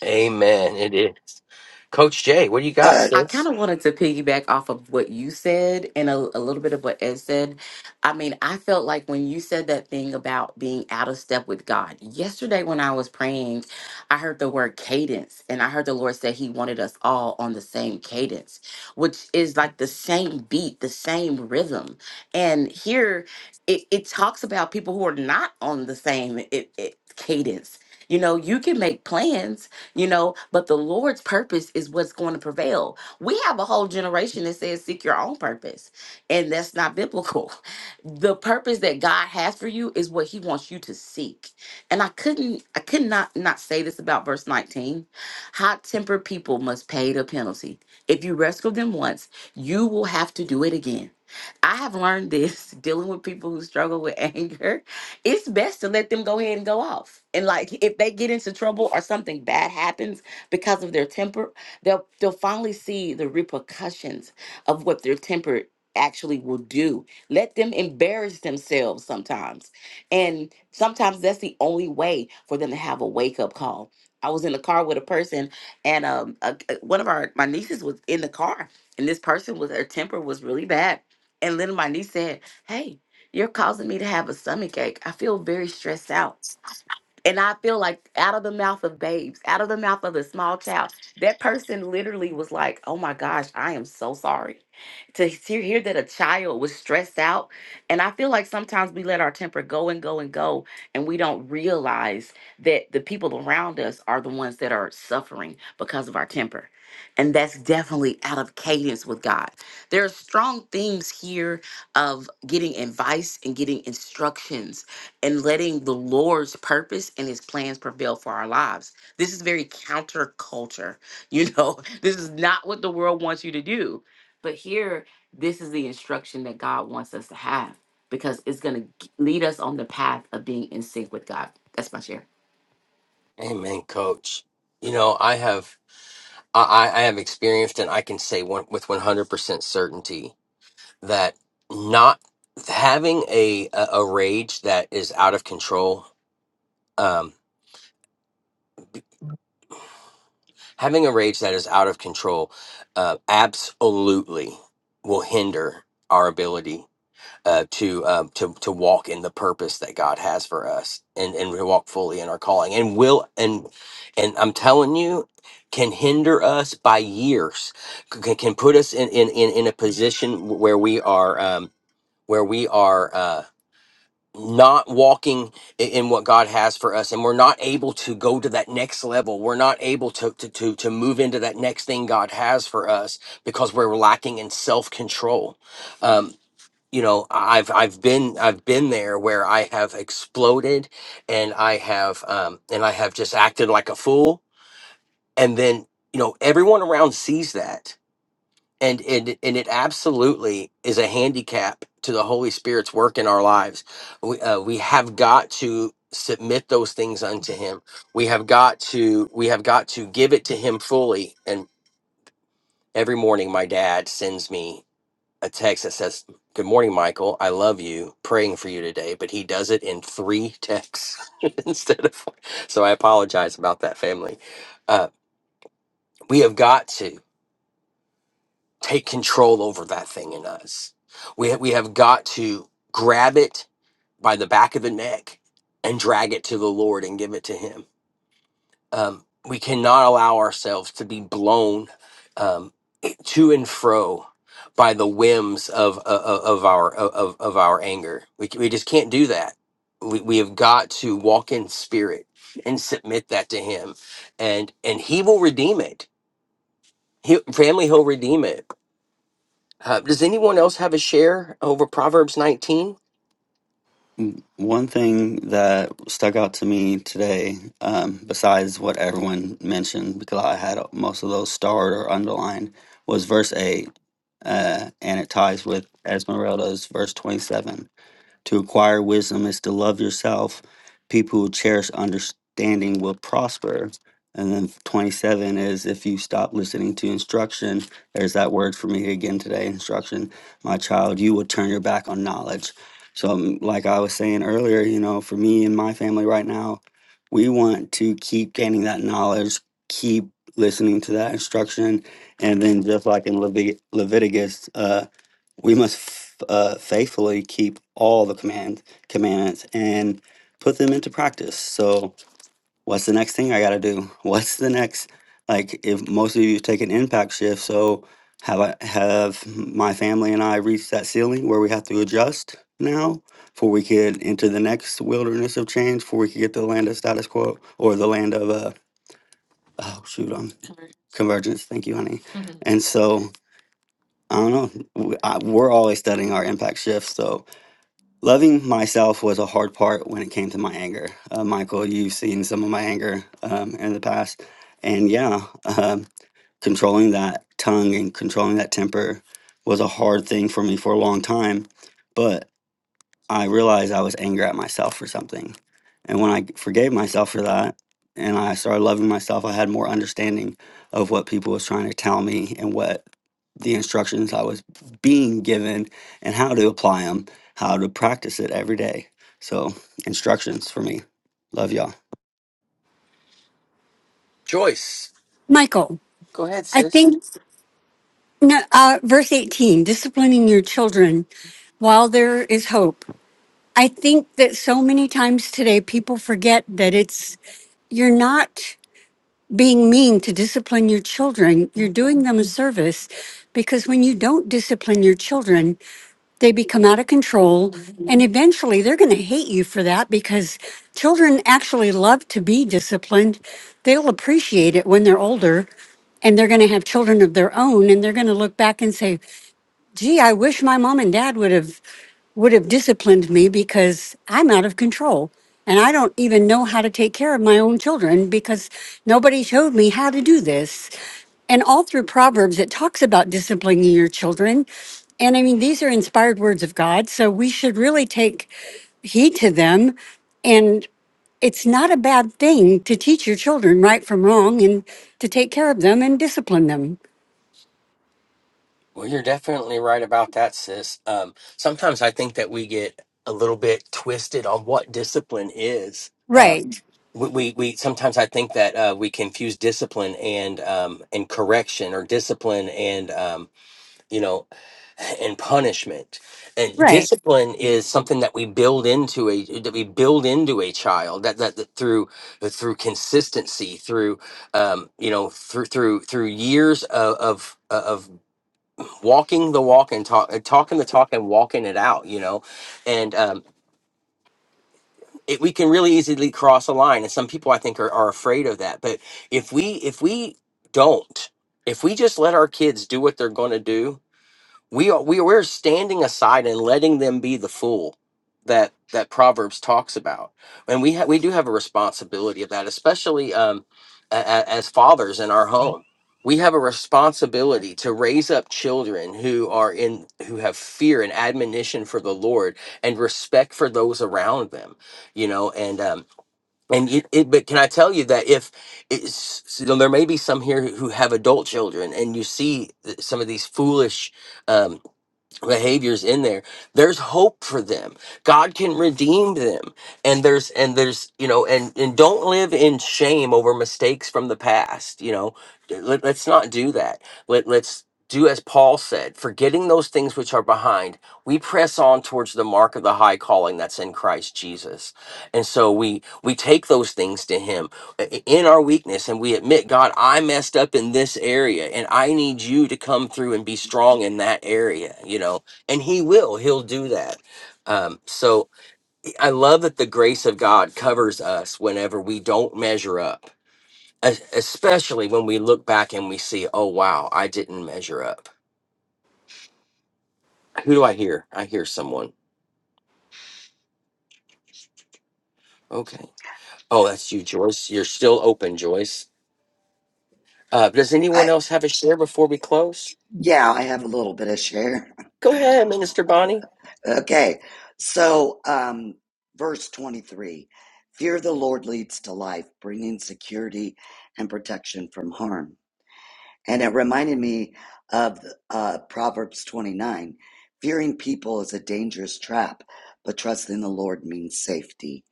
amen it is coach Jay what do you got Uh, I kind sis of wanted to piggyback off of what you said and a, a little bit of what Ed said. I mean, I felt like when you said that thing about being out of step with God, yesterday when I was praying, I heard the word cadence and I heard the Lord say He wanted us all on the same cadence, which is like the same beat, the same rhythm. And here it, it talks about people who are not on the same it, it, cadence. You know, you can make plans, you know, but the Lord's purpose is what's going to prevail we have a whole generation that says seek your own purpose, and that's not biblical. *laughs* The purpose that God has for you is what He wants you to seek. And I couldn't, I could not not say this about verse 19. Hot tempered people must pay the penalty. If you rescue them once, you will have to do it again. I have learned this *laughs* dealing with people who struggle with *laughs* anger it's best to let them go ahead and go off. And like if they get into trouble or something bad happens because of their temper, they'll they'll finally see the repercussions of what their temper actually will do. Let them embarrass themselves sometimes. And sometimes that's the only way for them to have a wake-up call. I was in the car with a person and um a, a- one of our my nieces was in the car and this person was her temper was really bad. And then my niece said, "Hey, you're causing me to have a stomach ache. I feel very stressed out. And I feel like out of the mouth of babes, out of the mouth of the small child, that person literally was like, oh my gosh, I am so sorry to hear, hear that a child was stressed out. And I feel like sometimes we let our temper go and go and go, and we don't realize that the people around us are the ones that are suffering because of our temper. And that's definitely out of cadence with God. There are strong themes here of getting advice and getting instructions and letting the Lord's purpose and his plans prevail for our lives. This is very counterculture. You know, *laughs* this is not what the world wants you to do. But here, this is the instruction that God wants us to have because it's going to lead us on the path of being in sync with God. That's my share. amen coach you know I have I I I have experienced and I can say one, with 100% certainty that not having a a, a rage that is out of control Um, Having a rage that is out of control uh, absolutely will hinder our ability uh, to um, to to walk in the purpose that God has for us, and and to walk fully in our calling, and will and and I'm telling you, can hinder us by years, c- can, can put us in in in in a position where we are. Um, where we are uh, not walking i- in what God has for us and we're not able to go to that next level. We're not able to to to, to move into that next thing God has for us because we're lacking in self-control. Um you know, I've I've been I've been there where I have exploded and I have um and I have just acted like a fool and then you know everyone around sees that and it and it absolutely is a handicap to the Holy Spirit's work in our lives. We uh, we have got to submit those things unto Him. We have got to we have got to give it to Him fully. And every morning, my dad sends me a text that says, "Good morning, Michael. I love you. Praying for you today." But he does it in three texts *laughs* instead of. So I apologize about that, family. Uh, we have got to. take control over that thing in us. We have, we have got to grab it by the back of the neck and drag it to the Lord and give it to Him. Um, we cannot allow ourselves to be blown um, to and fro by the whims of of, of our of, of our anger. We, c- we just can't do that. We, we have got to walk in spirit and submit that to Him, and and He will redeem it. He, family, He'll redeem it uh, does anyone else have a share over Proverbs 19? Mm, One thing that stuck out to me today, um, besides what everyone mentioned, because I had most of those starred or underlined, was verse 8 uh, and it ties with Esmeralda's verse 27. To acquire wisdom is to love yourself. People who cherish understanding will prosper. And then 27 is if you stop listening to instruction, there's that word for me again today instruction, my child, you will turn your back on knowledge. So, um, like I was saying earlier, you know, for me and my family right now, we want to keep gaining that knowledge, keep listening to that instruction. And then, just like in Levit- Leviticus, uh, we must f- uh, faithfully keep all the command commandments and put them into practice. So, what's the next thing I got to do? *laughs* What's the next? Like, if most of you take an impact shift, so have I have my family and I reached that ceiling where we have to adjust now before we could enter the next wilderness of change, before we could get to the land of status quo or the land of uh oh shoot um convergence. Thank you, honey. And so I don't know. w- I- We're always studying our impact shifts, so. Loving myself was a hard part when it came to my anger. Uh, Michael, you've seen some of my anger um, in the past. And yeah, um, controlling that tongue and controlling that temper was a hard thing for me for a long time. But. I realized I was angry at myself for something. And when I forgave myself for that and I started loving myself, I had more understanding of what people was trying to tell me and what the instructions I was being given and how to apply them, how to practice it every day. So, instructions for me. Love y'all. Joyce, Michael, go ahead, I sis. think no, uh, verse 18, disciplining your children while there is hope. I think that so many times today people forget that it's, you're not being mean to discipline your children, you're doing them a service because when you don't discipline your children, they become out of control and eventually they're going to hate you for that because children actually love to be disciplined. They'll appreciate it when they're older and they're going to have children of their own and they're going to look back and say, gee, I wish my mom and dad would have would have disciplined me because I'm out of control and I don't even know how to take care of my own children because nobody showed me how to do this. And all through Proverbs it talks about disciplining your children. And I mean these are inspired words of God, so we should really take heed to them and it's not a bad thing to teach your children right from wrong and to take care of them and discipline them. Well, you're definitely right about that, sis. Um, sometimes I think that we get a little bit twisted on what discipline is. Uh, Right. we, we, we sometimes I think that uh, we confuse discipline and um, and correction, or discipline and um, you know and punishment and Right. discipline is something that we build into a that we build into a child that that, that through through consistency through um you know through through through years of of of walking the walk and talk, talking the talk and walking it out you know and um it, we can really easily cross a line and some people i think are, are afraid of that but if we if we don't if we just let our kids do what they're going to do we are we we're standing aside and letting them be the fool that that proverbs talks about and we ha- we do have a responsibility of that especially um a- a- as fathers in our home we have a responsibility to raise up children who are in who have fear and admonition for the lord and respect for those around them you know and um and it, it but can i tell you that if it's, so there may be some here who have adult children and you see th- some of these foolish um, behaviors in there there's hope for them god can redeem them and there's and there's you know and and don't live in shame over mistakes from the past you know Let, let's not do that Let, let's do as paul said forgetting those things which are behind we press on towards the mark of the high calling that's in christ jesus and so we we take those things to him in our weakness and we admit, God, I messed up in this area and I need you to come through and be strong in that area, you know, and He will, He'll do that. Um, so I love that the grace of God covers us whenever we don't measure up, es- especially when we look back and we see, oh, wow, I didn't measure up. Who do I hear? I hear someone. Okay. Oh, that's you, Joyce. You're still open, Joyce. Uh, does I anyone else have a share before we close? yeah, I have a little bit of share. *laughs* Go ahead, Minister Okay, so um, verse twenty-three: Fear the Lord leads to life, bringing security and protection from harm. And it reminded me of uh, Proverbs twenty-nine: Fearing people is a dangerous trap, but trusting the Lord means safety.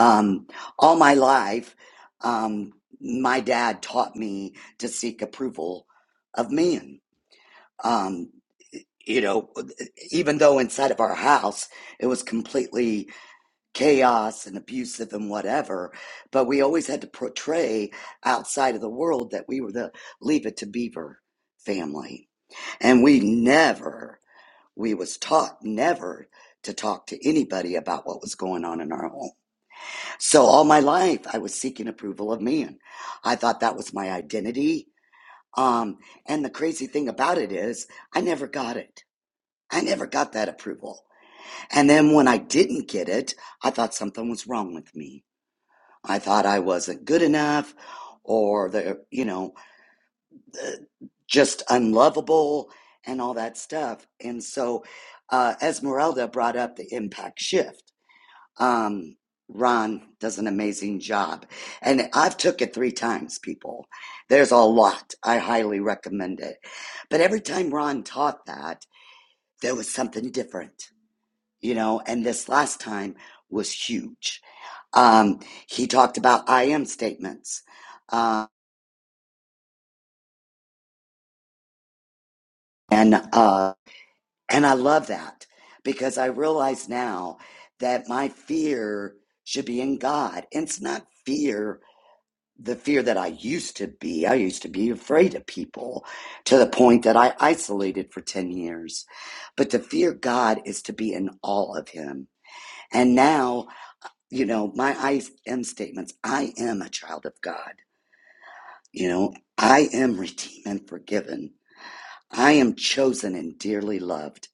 Um, all my life, um, my dad taught me to seek approval of men. Um, you know, even though inside of our house it was completely chaos and abusive and whatever, but we always had to portray outside of the world that we were the Leave It to Beaver family. And we never, we was taught never to talk to anybody about what was going on in our home. So all my life I was seeking approval of men. I thought that was my identity. Um, and the crazy thing about it is I never got it. I never got that approval. And then when I didn't get it, I thought something was wrong with me. I thought I wasn't good enough or the, you know, the, just unlovable and all that stuff. And so uh, Esmeralda brought up the impact shift. Um, Ron does an amazing job. And I've took it three times, people. There's a lot. I highly recommend it. But every time Ron taught that, there was something different you know, and this last time was huge. Um, he talked about I am statements, uh, and uh, and I love that because I realize now that my fear should be in God. And it's not fear the fear that I used to be. I used to be afraid of people to the point that I isolated for ten years. But to fear God is to be in awe of Him, and now. you know, my I am statements. I am a child of God. You know, I am redeemed and forgiven. I am chosen and dearly loved.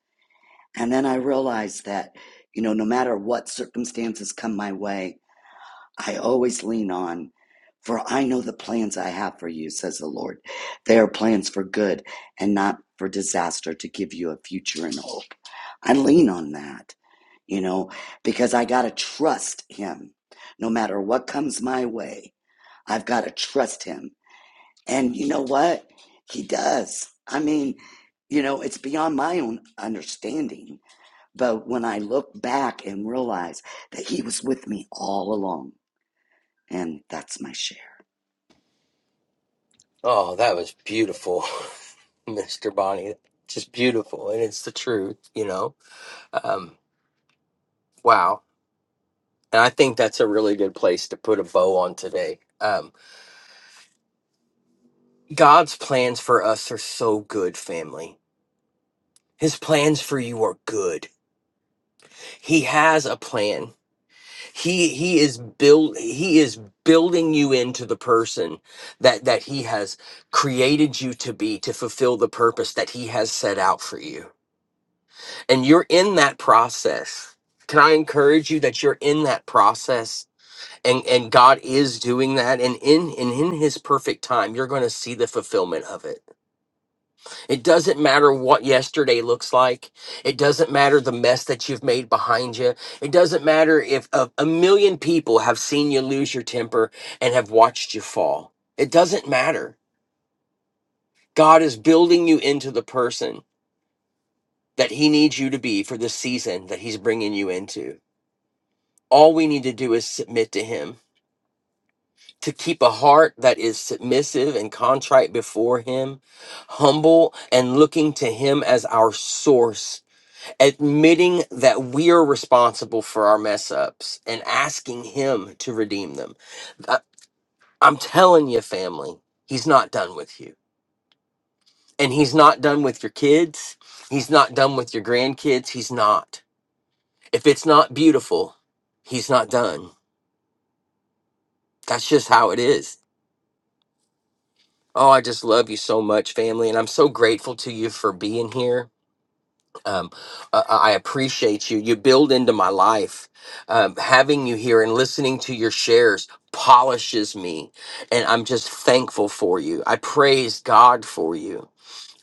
And then I realized that, you know, no matter what circumstances come my way, I always lean on, for I know the plans I have for you, says the Lord. They are plans for good and not for disaster to give you a future and hope. I lean on that, you know, because I got to trust Him no matter what comes my way I've got to trust him. And you know what? He does. I mean, you know, it's beyond my own understanding. But when I look back and realize that he was with me all along, and that's my share. Oh, that was beautiful, *laughs* Mr. Bonnie. Just beautiful. And it's the truth, you know? Um, wow. And I think that's a really good place to put a bow on today. Um, God's plans for us are so good, family. His plans for you are good. He has a plan he he is build he is building you into the person that that he has created you to be to fulfill the purpose that he has set out for you and you're in that process can i encourage you that you're in that process and and god is doing that and in and in his perfect time you're going to see the fulfillment of it it doesn't matter what yesterday looks like. It doesn't matter the mess that you've made behind you. It doesn't matter if a, a million people have seen you lose your temper and have watched you fall. It doesn't matter. God is building you into the person that He needs you to be for the season that He's bringing you into. All we need to do is submit to Him, to keep a heart that is submissive and contrite before Him, humble and looking to Him as our source admitting that we are responsible for our mess ups and asking him to redeem them. I, I'm telling you, family, he's not done with you. And he's not done with your kids. He's not done with your grandkids. He's not. If it's not beautiful, he's not done. That's just how it is. Oh, I just love you so much, family. And I'm so grateful to you for being here. um, uh, I appreciate you. You build into my life. Um, having you here and listening to your shares polishes me. And I'm just thankful for you. I praise God for you.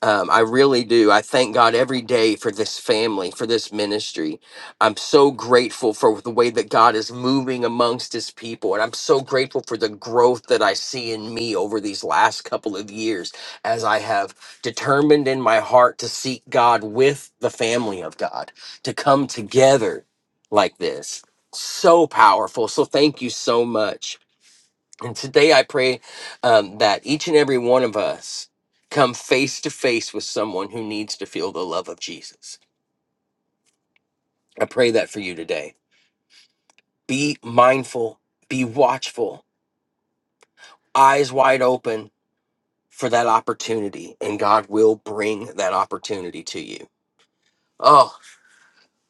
Um, I really do. I thank God every day for this family, for this ministry. I'm so grateful for the way that God is moving amongst his people. And I'm so grateful for the growth that I see in me over these last couple of years as I have determined in my heart to seek God with the family of God, to come together like this. So powerful. So thank you so much. And today I pray um, that each and every one of us come face to face with someone who needs to feel the love of Jesus. I pray that for you today. Be mindful, be watchful, eyes wide open for that opportunity, and God will bring that opportunity to you. Oh,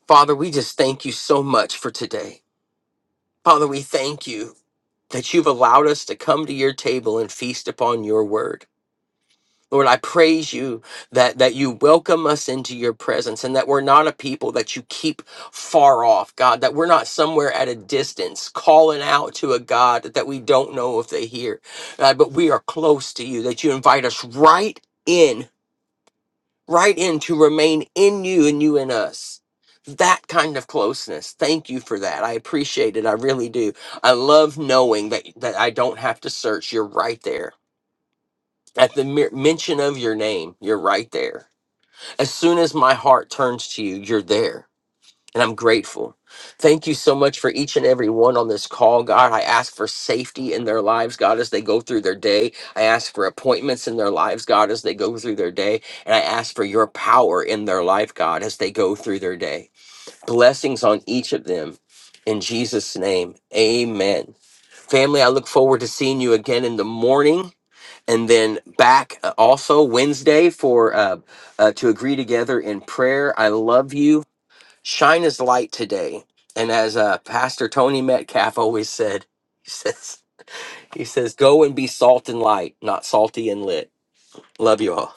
Father, we just thank you so much for today. Father, we thank you that you've allowed us to come to your table and feast upon your word. Lord, I praise you that, that you welcome us into your presence and that we're not a people that you keep far off, God, that we're not somewhere at a distance calling out to a God that we don't know if they hear, God, but we are close to you, that you invite us right in, right in to remain in you and you in us. That kind of closeness. Thank you for that. I appreciate it. I really do. I love knowing that, that I don't have to search. You're right there at the mere mention of your name, you're right there. As soon as my heart turns to you, you're there. And I'm grateful. Thank you so much for each and every one on this call, God. I ask for safety in their lives, God, as they go through their day. I ask for appointments in their lives, God, as they go through their day. And I ask for your power in their life, God, as they go through their day. Blessings on each of them. In Jesus' name, amen. Family, I look forward to seeing you again in the morning and then back uh, also Wednesday for uh, uh, to agree together in prayer. I love you. Shine as light today. And as uh, Pastor Tony Metcalf always said, *laughs* he says, he says, go and be salt and light, not salty and lit. Love you all.